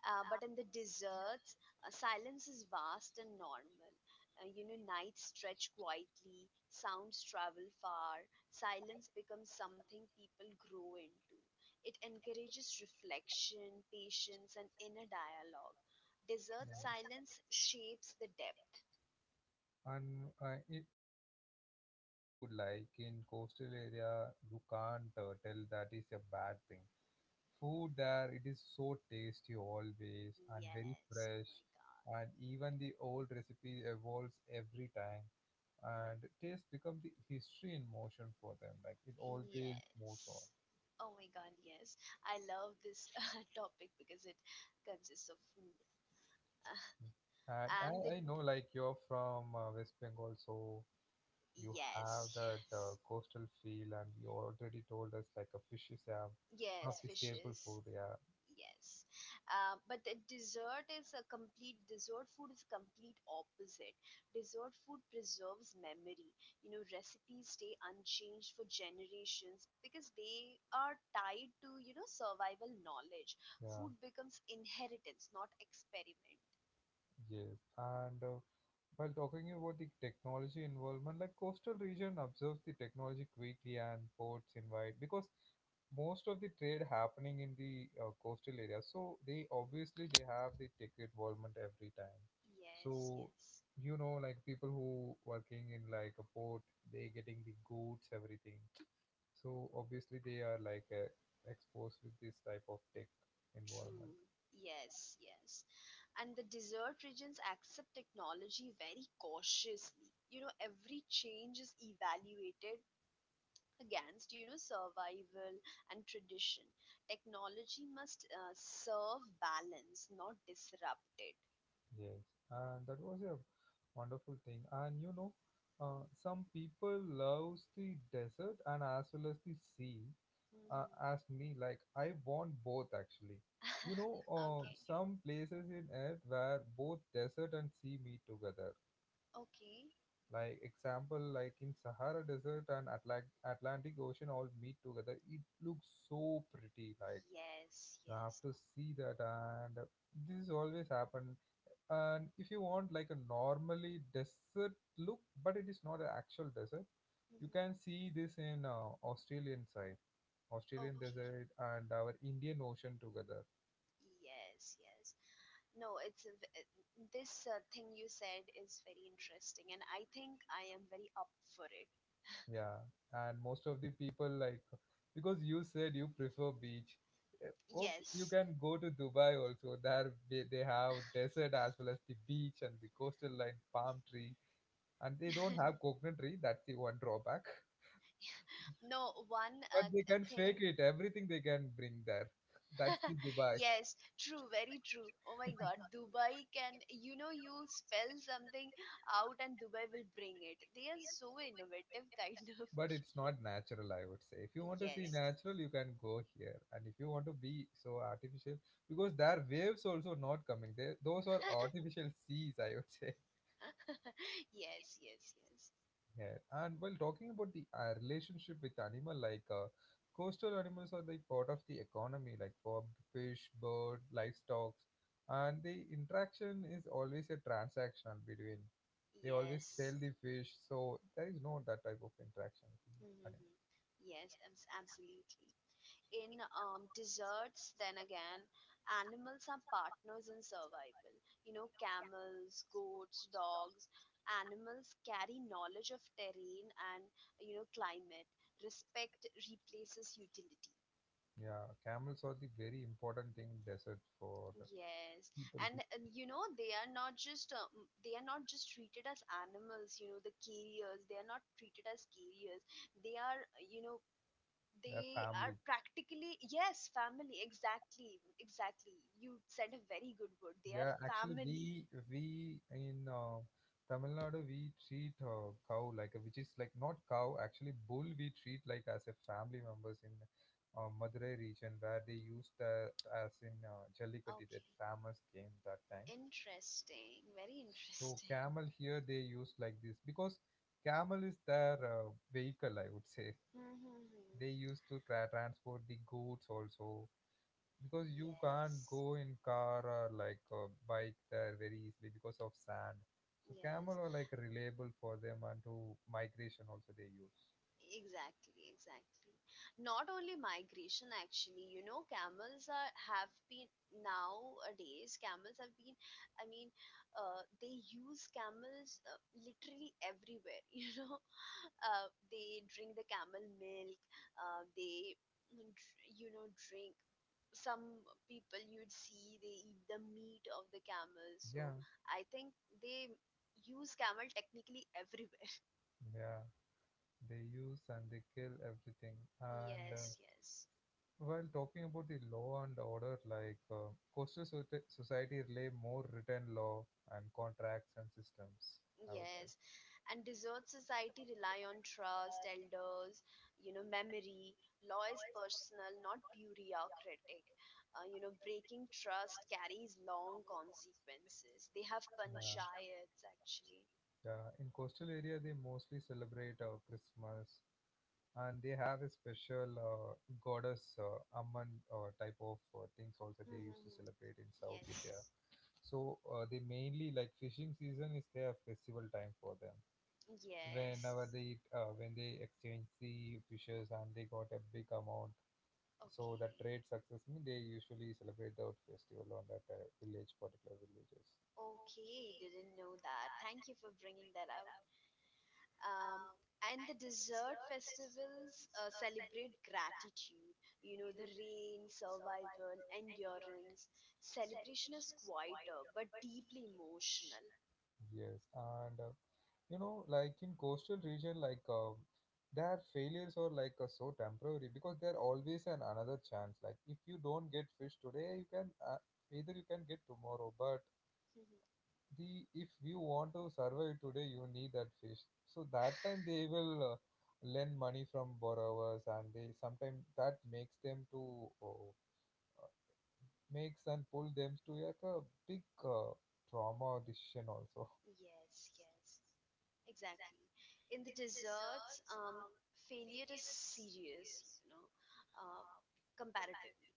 [SPEAKER 2] But in the deserts, silence is vast and normal. Nights stretch quietly, sounds travel far, silence becomes something people grow into. It encourages reflection, patience, and inner dialogue. Desert
[SPEAKER 1] Yeah.
[SPEAKER 2] silence shapes the depth.
[SPEAKER 1] And while talking about the food, like in coastal area, you can't tell that is a bad thing. Food there, it is so tasty always, and very
[SPEAKER 2] Yes, oh
[SPEAKER 1] fresh,
[SPEAKER 2] my god.
[SPEAKER 1] and even the old recipe evolves every time, and taste become the history in motion for them. Like it always
[SPEAKER 2] Yes.
[SPEAKER 1] moves on.
[SPEAKER 2] Oh my god, yes. I love this topic because it consists of food.
[SPEAKER 1] I, I
[SPEAKER 2] And the
[SPEAKER 1] I know, like, you're from West Bengal, so you have
[SPEAKER 2] Yes,
[SPEAKER 1] that
[SPEAKER 2] yes.
[SPEAKER 1] coastal feel, and you already told us, like, a fish is one of
[SPEAKER 2] Yes,
[SPEAKER 1] the staple
[SPEAKER 2] fishes.
[SPEAKER 1] food. Yeah,
[SPEAKER 2] Yes. But the dessert is a complete dessert food is complete opposite. Dessert food preserves memory. You know, recipes stay unchanged for generations because they are tied to, survival knowledge.
[SPEAKER 1] yeah,
[SPEAKER 2] Food becomes inheritance, not experiment.
[SPEAKER 1] yes. And while talking about the technology involvement, like coastal region observes the technology quickly, and ports invite, because most of the trade happening in the coastal area, so they
[SPEAKER 2] Mm.
[SPEAKER 1] obviously they have the tech involvement every time.
[SPEAKER 2] Yes,
[SPEAKER 1] So
[SPEAKER 2] yes.
[SPEAKER 1] you know, like people who working in like a port, they getting the goods everything, so obviously they are like exposed with this type of tech involvement.
[SPEAKER 2] True. Yes, yes. And the desert regions accept technology very cautiously. Every change is evaluated against, survival and tradition. Technology must serve balance, not disrupt it.
[SPEAKER 1] Yes, and that was a wonderful thing. And you know, some people loves the desert and as well as the sea. Uh,
[SPEAKER 2] Hmm.
[SPEAKER 1] as me, like I want both actually. You know,
[SPEAKER 2] Okay.
[SPEAKER 1] some places in Earth where both desert and sea meet together.
[SPEAKER 2] Okay.
[SPEAKER 1] Like example, like in Sahara Desert and Atlantic Ocean all meet together. It looks so pretty. Like
[SPEAKER 2] Yes,
[SPEAKER 1] you have
[SPEAKER 2] yes.
[SPEAKER 1] to see that. And this always happen, and if you want like a normally desert look, but it is not an actual desert, you can
[SPEAKER 2] Hmm.
[SPEAKER 1] see this in Australian side. Australian
[SPEAKER 2] Okay.
[SPEAKER 1] desert and our Indian Ocean together.
[SPEAKER 2] Yes, yes. No, it's a this thing you said is very interesting, and I think I am very up for it.
[SPEAKER 1] Yeah. And most of the people like, because you said you prefer beach, eh, okay, you
[SPEAKER 2] Yes,
[SPEAKER 1] can go to Dubai also. There they have desert as well as the beach and the coastal line, palm tree, and they don't have coconut tree. That's the one drawback.
[SPEAKER 2] no, one
[SPEAKER 1] But they can fake
[SPEAKER 2] thing.
[SPEAKER 1] it. Everything they can bring there. That's the Dubai.
[SPEAKER 2] Yes, true, very true. Oh my God, Dubai can, you know, you spell something out and Dubai will bring it. They are so innovative kind of
[SPEAKER 1] But it's
[SPEAKER 2] people.
[SPEAKER 1] not natural, I would say. If you
[SPEAKER 2] Yes,
[SPEAKER 1] want to see
[SPEAKER 2] yes.
[SPEAKER 1] natural, you can go here. And if you want to be so artificial, because there are waves also not coming. They, those are artificial seas, I would say.
[SPEAKER 2] Yes, yes, yes.
[SPEAKER 1] Yeah, and while talking about the relationship with animal, like coastal animals are the part of the economy, like for fish, bird, livestock, and the interaction is always a transactional between. They always, yes,
[SPEAKER 2] Yes.
[SPEAKER 1] sell the fish, so there is no that type of interaction with the
[SPEAKER 2] Hmm.
[SPEAKER 1] animal.
[SPEAKER 2] Yes, absolutely. In desserts, then again, animals are partners in survival. You know, camels, goats, dogs, animals carry knowledge of terrain and, climate. Respect replaces utility.
[SPEAKER 1] Yeah, camels are the very important thing in desert for the
[SPEAKER 2] Yes,
[SPEAKER 1] people,
[SPEAKER 2] and, they are not just they are not just treated as animals. You know, the carriers. They are not treated as carriers. They are you know
[SPEAKER 1] their
[SPEAKER 2] They are
[SPEAKER 1] family.
[SPEAKER 2] practically, yes, family. Exactly, exactly. You said a very good word. They are
[SPEAKER 1] Yeah, actually,
[SPEAKER 2] family.
[SPEAKER 1] we in Tamil Nadu we treat cow like a, which is like not cow actually bull, we treat like as a family members in Madurai region, where they used that as in Jallikattu,
[SPEAKER 2] Okay.
[SPEAKER 1] that famous game, that time.
[SPEAKER 2] Interesting. Very
[SPEAKER 1] So
[SPEAKER 2] interesting.
[SPEAKER 1] camel here they use like this, because camel is their vehicle, I would say.
[SPEAKER 2] Mm-hmm.
[SPEAKER 1] They used to transport the goods also, because you can't
[SPEAKER 2] Yes.
[SPEAKER 1] go in car or like a bike there very easily because of sand, so camel
[SPEAKER 2] Yes.
[SPEAKER 1] are like reliable for them, and to migration also they use.
[SPEAKER 2] Exactly. Exactly. Not only migration, actually, you know, camels are have been nowadays. Camels have been. I mean, they use camels literally everywhere. You know, they drink the camel milk, they dr- you know drink. Some people, you'd see, they eat the meat of the camel, so
[SPEAKER 1] Yeah.
[SPEAKER 2] I think they use camel technically everywhere.
[SPEAKER 1] Yeah, they use and they kill everything. And
[SPEAKER 2] Yes, yes.
[SPEAKER 1] Yes. While talking about the law and order, like coastal society rely more written law and contracts and systems, I would say.
[SPEAKER 2] Yes, and dessert society rely on trust, elders, memory. Law is personal, not bureaucratic. Breaking trust carries long consequences. They have
[SPEAKER 1] Yeah.
[SPEAKER 2] panchayats actually.
[SPEAKER 1] Yeah, in coastal area they mostly celebrate Christmas, and they have a special goddess Amman type of things also they used to
[SPEAKER 2] Mm-hmm.
[SPEAKER 1] celebrate in South
[SPEAKER 2] Yes,
[SPEAKER 1] India. So they mainly like fishing season is their festival time for them.
[SPEAKER 2] yes.
[SPEAKER 1] Whenever they eat, when they exchange the fishes and they got a big amount, so
[SPEAKER 2] Okay,
[SPEAKER 1] the trade success mean they usually celebrate that festival on that village, particular villages.
[SPEAKER 2] okay. Didn't know that. Thank you for bringing that out. Um, and the desert festivals celebrate gratitude, you know, the rain, survival, endurance. Celebration is quieter but deeply emotional.
[SPEAKER 1] Yes, and you know, like in coastal region, like their failures are like so temporary because they're always an another chance. Like if you don't get fish today, you can either you can get tomorrow, but
[SPEAKER 2] Mhm.
[SPEAKER 1] the if you want to survive today, you need that fish. So that time they will lend money from borrowers, and they sometimes that makes them to uh, makes and pull them to like a big, uh, trauma decision also.
[SPEAKER 2] Yes, yes, exactly. In the deserts, failure is serious, you know, uh, comparatively.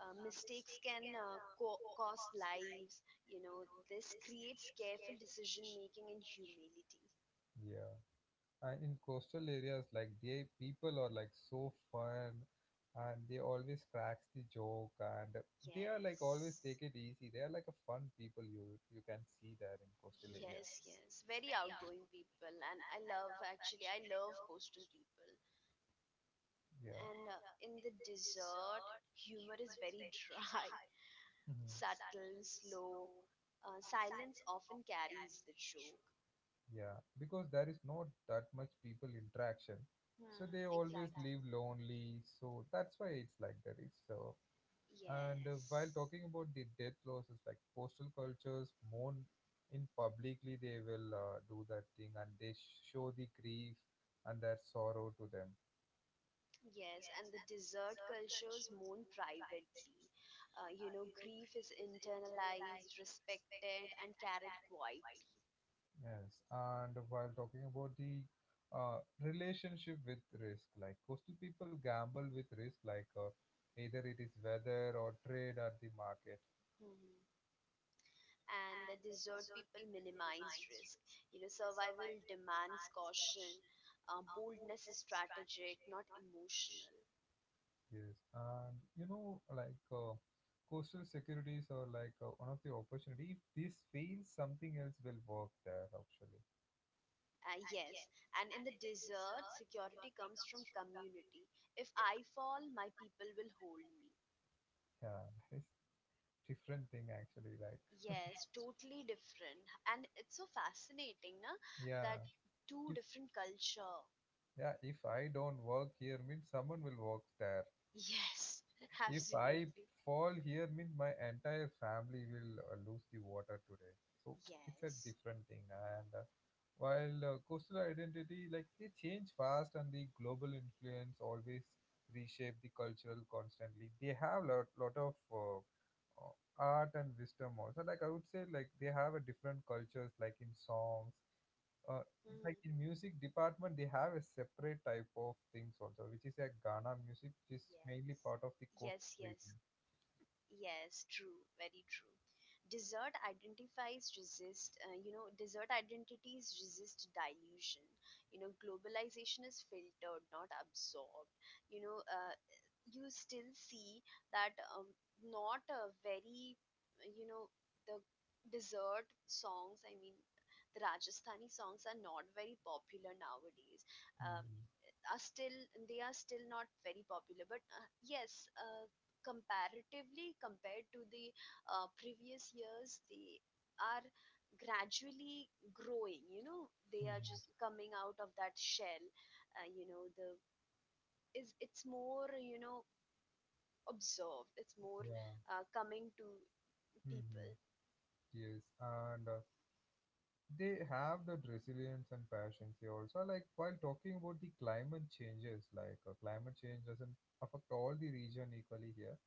[SPEAKER 2] Mistakes can cost lives, you know, this creates careful decision making and humility.
[SPEAKER 1] Yeah. And in coastal areas, like they people are like so fun, and they always cracks the joke, and they are like always
[SPEAKER 2] Yes,
[SPEAKER 1] take it easy. They are like a fun people, you can see there in coastal
[SPEAKER 2] yes,
[SPEAKER 1] areas.
[SPEAKER 2] yes. Very outgoing people, and I love actually, I love coastal people.
[SPEAKER 1] Yes.
[SPEAKER 2] And
[SPEAKER 1] Yeah.
[SPEAKER 2] in the desert, humor is very dry,
[SPEAKER 1] Mhm.
[SPEAKER 2] subtle, slow. Silence often carries the joke.
[SPEAKER 1] Yeah, because there is not that much people interaction, so
[SPEAKER 2] Hmm,
[SPEAKER 1] they always
[SPEAKER 2] exactly.
[SPEAKER 1] leave. Exactly. Live lonely. So that's why it's like that. It's so. And while
[SPEAKER 2] Yes,
[SPEAKER 1] talking about the death losses, like coastal cultures mourn in publicly, they will do that thing and they show the grief and their sorrow to them.
[SPEAKER 2] yes. And the desert cultures mourn privately. You know, grief is internalized, respected, and carried quietly.
[SPEAKER 1] Yes, and while talking about the relationship with risk, like coastal people gamble with risk, like either it is weather or trade at the market.
[SPEAKER 2] And the desert people minimize risk. You know, survival demands caution. Boldness is strategic, not emotional.
[SPEAKER 1] Yes, and you know, like coastal securities are like one of the opportunity. If this fails, something else will work there. Actually,
[SPEAKER 2] Yes, and in the desert, security comes from community. If I fall, my people will hold me.
[SPEAKER 1] yeah, it's different thing. Actually, like
[SPEAKER 2] Yes, totally different. And it's so fascinating, na,
[SPEAKER 1] yeah,
[SPEAKER 2] that two different culture.
[SPEAKER 1] yeah. If I don't work here, means someone will work there.
[SPEAKER 2] Yes,
[SPEAKER 1] If I
[SPEAKER 2] absolutely.
[SPEAKER 1] fall here, means my entire family will lose the water today. So it's a
[SPEAKER 2] Yes.
[SPEAKER 1] different thing. And while coastal identity, like they change fast, and the global influence always reshape the cultural constantly. They have lot of art and wisdom also. Like I would say, like they have a different cultures, like in songs, uh, like
[SPEAKER 2] Hmm.
[SPEAKER 1] in music department they have a separate type of things also, which is a ghana music, which is
[SPEAKER 2] Yes.
[SPEAKER 1] mainly part of the
[SPEAKER 2] Yes,
[SPEAKER 1] coast
[SPEAKER 2] yes.
[SPEAKER 1] region.
[SPEAKER 2] Yes, true, very true. Desert identities resist dilution. You know, globalization is filtered, not absorbed. You know, uh, you still see that not a very, you know, the desert songs, I mean, the Rajasthani songs are not very popular nowadays. Um,
[SPEAKER 1] Mhm.
[SPEAKER 2] are still, they are still not very popular, but yes, comparatively compared to the previous years, they are gradually growing. You know, they are just coming out of that shell. You know, the is it's more, you know, observed. It's more
[SPEAKER 1] Yeah.
[SPEAKER 2] coming to
[SPEAKER 1] Hmm.
[SPEAKER 2] people.
[SPEAKER 1] Yes, and they have that resilience and passion. They also, like while talking about the climate changes, like climate change doesn't affect all the region equally here.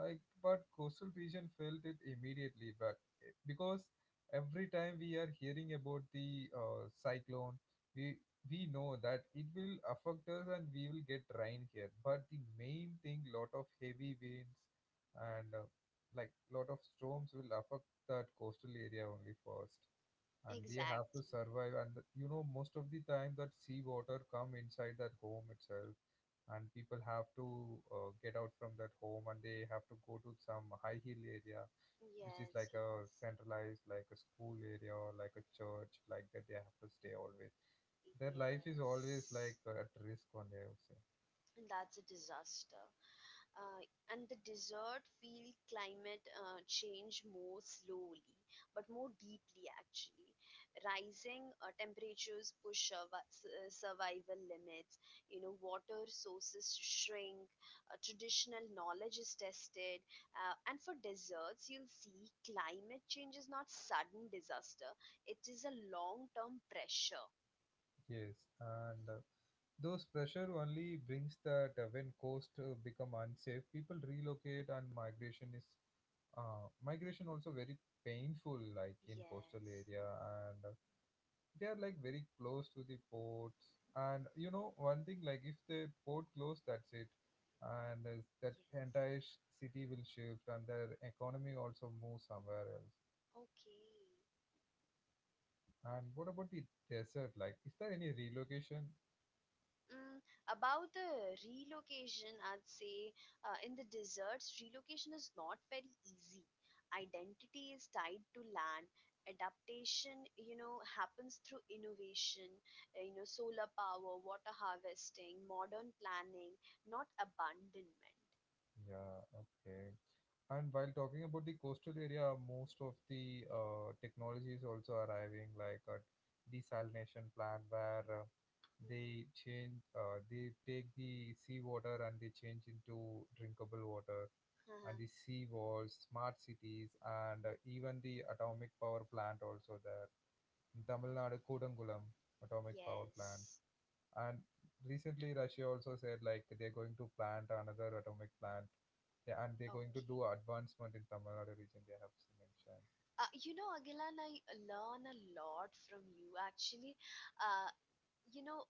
[SPEAKER 1] Like but coastal region felt it immediately, but because every time we are hearing about the cyclone, we we know that it will affect us and we will get rain here. But the main thing, lot of heavy winds and, like lot of storms will affect that coastal area only first, and they have to
[SPEAKER 2] Exactly.
[SPEAKER 1] survive. And you know, most of the time that sea water come inside that home itself, and people have to get out from that home and they have to go to some high hill area, which is like
[SPEAKER 2] Yes,
[SPEAKER 1] a
[SPEAKER 2] yes.
[SPEAKER 1] centralized, like a school area or like a church, like that they have to stay always. Their life is always like
[SPEAKER 2] Yes,
[SPEAKER 1] at risk only, I would say.
[SPEAKER 2] and that's a disaster. Uh, and the desert feel climate change more slowly but more deeply actually. Rising temperatures push survival limits. You know, water sources shrink. Uh, traditional knowledge is tested. Uh, and for deserts, you'll see climate change is not sudden disaster, it is a long term pressure.
[SPEAKER 1] Yes, and those pressure only brings that. When coast become unsafe, people relocate, and migration is, migration also very painful, like in coastal
[SPEAKER 2] Yes,
[SPEAKER 1] area. And they are like very close to the ports, and you know, one thing, like if the port close, that's it. And that
[SPEAKER 2] yes,
[SPEAKER 1] entire city will shift, and their economy also moves somewhere else.
[SPEAKER 2] okay.
[SPEAKER 1] And what about the desert, like is there any relocation?
[SPEAKER 2] Mm, about the relocation, I'd say in the deserts, relocation is not very easy. Identity is tied to land. Adaptation, you know, happens through innovation, you know, solar power, water harvesting, modern planning, not abandonment.
[SPEAKER 1] Yeah, okay. And while talking about the coastal area, most of the technology is also arriving, like a desalination plant where they
[SPEAKER 2] Hmm.
[SPEAKER 1] change, they take the seawater and they change into drinkable water,
[SPEAKER 2] Uh-huh.
[SPEAKER 1] and the sea walls, smart cities, and even the atomic power plant also there. In Tamil Nadu, Kodangulam atomic power plant.
[SPEAKER 2] Yes.
[SPEAKER 1] And recently, Russia also said like they're going to plant another atomic plant, yeah, and they're going to
[SPEAKER 2] Okay.
[SPEAKER 1] do advancement in Tamil Nadu region. They have mentioned.
[SPEAKER 2] You know, Agilan, I learn a lot from you. Actually, uh, you know,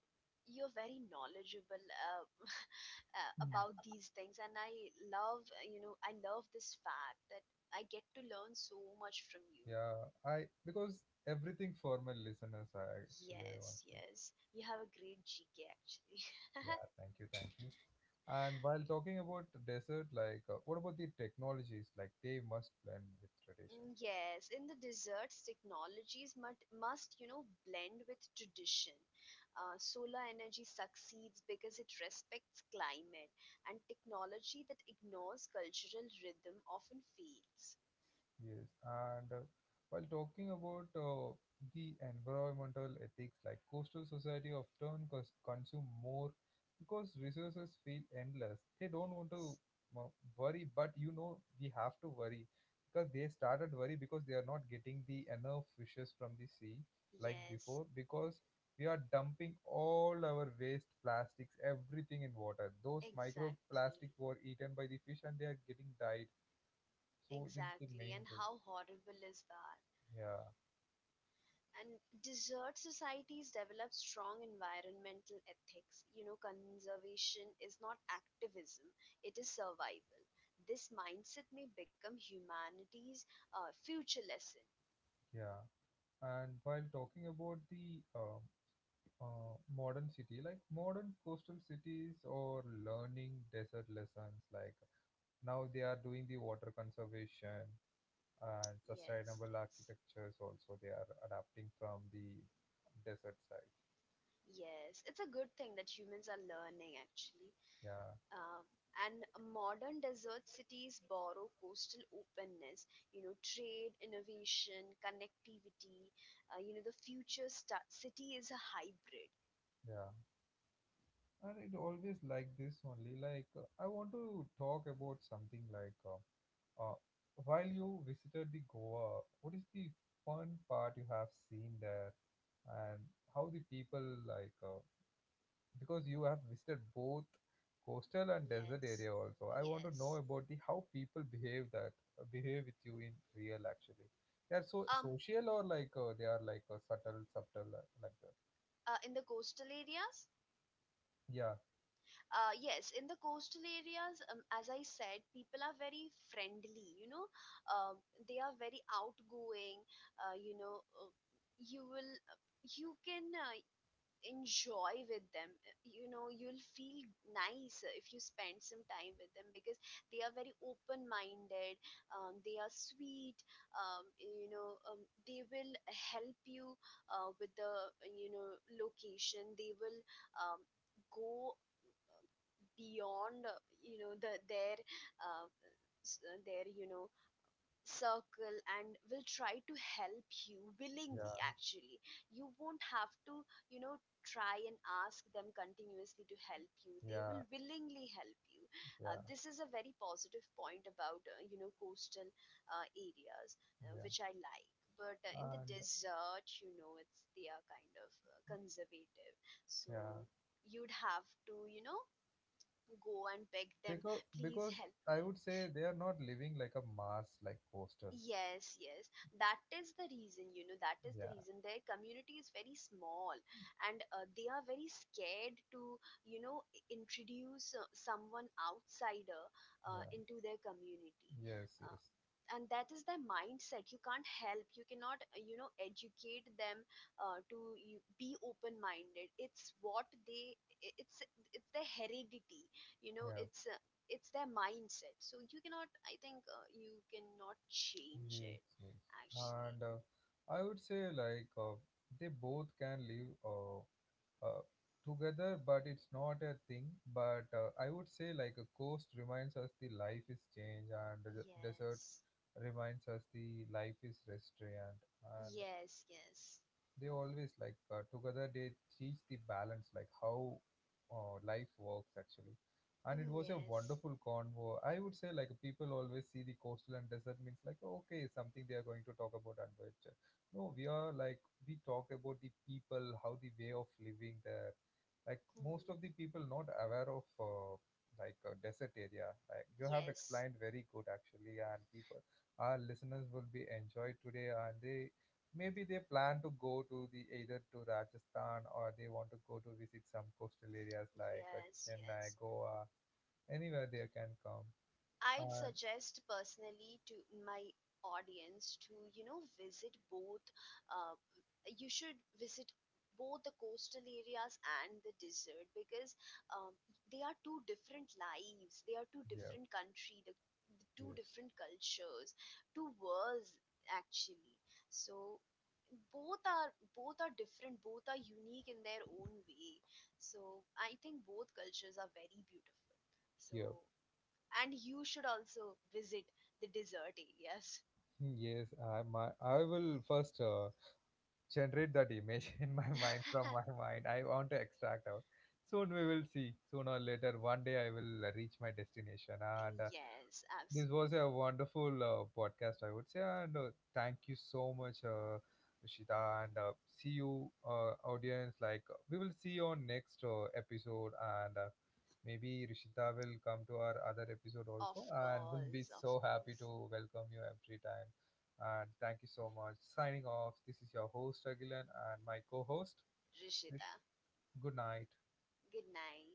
[SPEAKER 2] you're very knowledgeable
[SPEAKER 1] Mm.
[SPEAKER 2] about these things, and I love, you know, I love this fact that I get to learn so much from you.
[SPEAKER 1] Yeah, I because everything for my listeners, I actually want
[SPEAKER 2] Yes,
[SPEAKER 1] to say.
[SPEAKER 2] yes, you have a great gk actually.
[SPEAKER 1] Yeah, thank you, thank you. And while talking about desert, like what about the technologies? Like they must blend with tradition.
[SPEAKER 2] Mm, yes, in the desserts technologies must, you know, blend with tradition. Uh, solar energy succeeds because it respects climate, and technology that ignores cultural rhythm often fails.
[SPEAKER 1] Yes, and while talking about, the environmental ethics, like coastal society often consume more because resources feel endless. They don't want to
[SPEAKER 2] Yes.
[SPEAKER 1] uh, worry, but you know, we have to worry because they started worry because they are not getting the enough fishes from the sea like
[SPEAKER 2] Yes,
[SPEAKER 1] before, because we are dumping all our waste, plastics, everything in water. Those
[SPEAKER 2] exactly.
[SPEAKER 1] microplastics were eaten by the fish and they are getting died. So this is the
[SPEAKER 2] Exactly.
[SPEAKER 1] main
[SPEAKER 2] And
[SPEAKER 1] thing.
[SPEAKER 2] how horrible is that?
[SPEAKER 1] Yeah.
[SPEAKER 2] And desert societies develop strong environmental ethics. You know, conservation is not activism, it is survival. This mindset may become humanity's future lesson.
[SPEAKER 1] Yeah, and while talking about the modern city, like modern coastal cities or learning desert lessons, like now they are doing the water conservation and
[SPEAKER 2] Yes,
[SPEAKER 1] sustainable
[SPEAKER 2] yes.
[SPEAKER 1] architectures also they are adapting from the desert side.
[SPEAKER 2] Yes, it's a good thing that humans are learning actually.
[SPEAKER 1] Yeah,
[SPEAKER 2] Um, and modern desert cities borrow coastal openness, you know, trade, innovation, connectivity. You know, the future sta city is a hybrid.
[SPEAKER 1] yeah, and it always like this only. Like I want to talk about something like, Uh, while you visited the Goa, what is the fun part you have seen there, and how the people like? Because you have visited both coastal and desert
[SPEAKER 2] Yes,
[SPEAKER 1] area also, I want to know
[SPEAKER 2] yes.
[SPEAKER 1] about the how people behave, that behave with you in real actually. They are so
[SPEAKER 2] Um,
[SPEAKER 1] social or like they are like subtle, subtle like that.
[SPEAKER 2] in the coastal areas,
[SPEAKER 1] Yeah,
[SPEAKER 2] yes, in the coastal areas, as I said, people are very friendly. You know, um, they are very outgoing. You know, you will, you can enjoy with them. You know, you'll feel nice if you spend some time with them, because they are very open minded. Um, they are sweet. Um, you know, they will help you with the, you know, location. They will, um, go beyond, you know, their, uh, s- their, you know, circle, and will try to help you willingly
[SPEAKER 1] yeah,
[SPEAKER 2] actually. You won't have to, you know, try and ask them continuously to help you. They will
[SPEAKER 1] yeah,
[SPEAKER 2] willingly help you. Uh,
[SPEAKER 1] yeah,
[SPEAKER 2] this is a very positive point about, you know, coastal areas,
[SPEAKER 1] yeah,
[SPEAKER 2] which I like. But in the
[SPEAKER 1] and
[SPEAKER 2] desert, you know, it's, they are kind of conservative.
[SPEAKER 1] yeah,
[SPEAKER 2] So you'd have to, you know, go and beg them, please
[SPEAKER 1] because
[SPEAKER 2] help
[SPEAKER 1] I
[SPEAKER 2] me.
[SPEAKER 1] would say they are not living like a mass like coastal.
[SPEAKER 2] Yes, yes. That is the reason, you know, that is the reason their community is very small, and they are very scared to, you know, introduce someone outsider
[SPEAKER 1] Yeah, yeah,
[SPEAKER 2] into their community.
[SPEAKER 1] yes,
[SPEAKER 2] Uh,
[SPEAKER 1] yes,
[SPEAKER 2] and that is their mindset. You can't help, you cannot, you know, educate them to, you, be open minded. It's what they, i- it's it's their heredity. You know,
[SPEAKER 1] yeah,
[SPEAKER 2] it's, it's their mindset. So you cannot, I think, you cannot change it
[SPEAKER 1] yes, yes,
[SPEAKER 2] actually.
[SPEAKER 1] and I would say like, they both can live uh, together, but it's not a thing. But I would say like a coast reminds us the life is change, and the desert
[SPEAKER 2] Yes,
[SPEAKER 1] reminds us the life is restraint. And
[SPEAKER 2] yes, yes.
[SPEAKER 1] they always like together they teach the balance, like how life works actually. And it
[SPEAKER 2] Mm,
[SPEAKER 1] was a
[SPEAKER 2] yes.
[SPEAKER 1] wonderful convo, I would say. Like people always see the coastal and desert means like okay, something they are going to talk about and adventure. No, we are like we talk about the people, how the way of living there, like most
[SPEAKER 2] Mm,
[SPEAKER 1] of the people not aware of like a desert area. Like you have
[SPEAKER 2] yes,
[SPEAKER 1] explained very good actually, and people, our listeners will be enjoyed today, and they, maybe they plan to go to, the either to Rajasthan, or they want to go to visit some coastal areas like
[SPEAKER 2] yes, yes.
[SPEAKER 1] Chennai, Goa, anywhere they can come.
[SPEAKER 2] I'd
[SPEAKER 1] And
[SPEAKER 2] suggest personally to my audience to, you know, visit both. Uh, you should visit both the coastal areas and the desert, because um, they are two different lives. They are two
[SPEAKER 1] yeah,
[SPEAKER 2] different country. The two
[SPEAKER 1] yes,
[SPEAKER 2] different cultures, two worlds actually. So both are different. Both are unique in their own way. So I think both cultures are very beautiful. So
[SPEAKER 1] yeah,
[SPEAKER 2] and you should also visit the desert areas.
[SPEAKER 1] hmm, yes. I, my, I will first generate that image in my mind, from my mind. I want to extract out. Soon we will see. Soon or later, one day I will reach my destination and.
[SPEAKER 2] Yes,
[SPEAKER 1] This was a
[SPEAKER 2] absolutely.
[SPEAKER 1] wonderful podcast, I would say, and thank you so much, Shita, and see you, audience. Like we will see you on next episode, and maybe Rishita will come to our other episode
[SPEAKER 2] Of
[SPEAKER 1] also, and we'll be
[SPEAKER 2] course, of
[SPEAKER 1] so happy to
[SPEAKER 2] course.
[SPEAKER 1] welcome you every time. And thank you so much. Signing off. This is your host Agilan and my co-host.
[SPEAKER 2] Rishita,
[SPEAKER 1] Rish- Good night.
[SPEAKER 2] good night.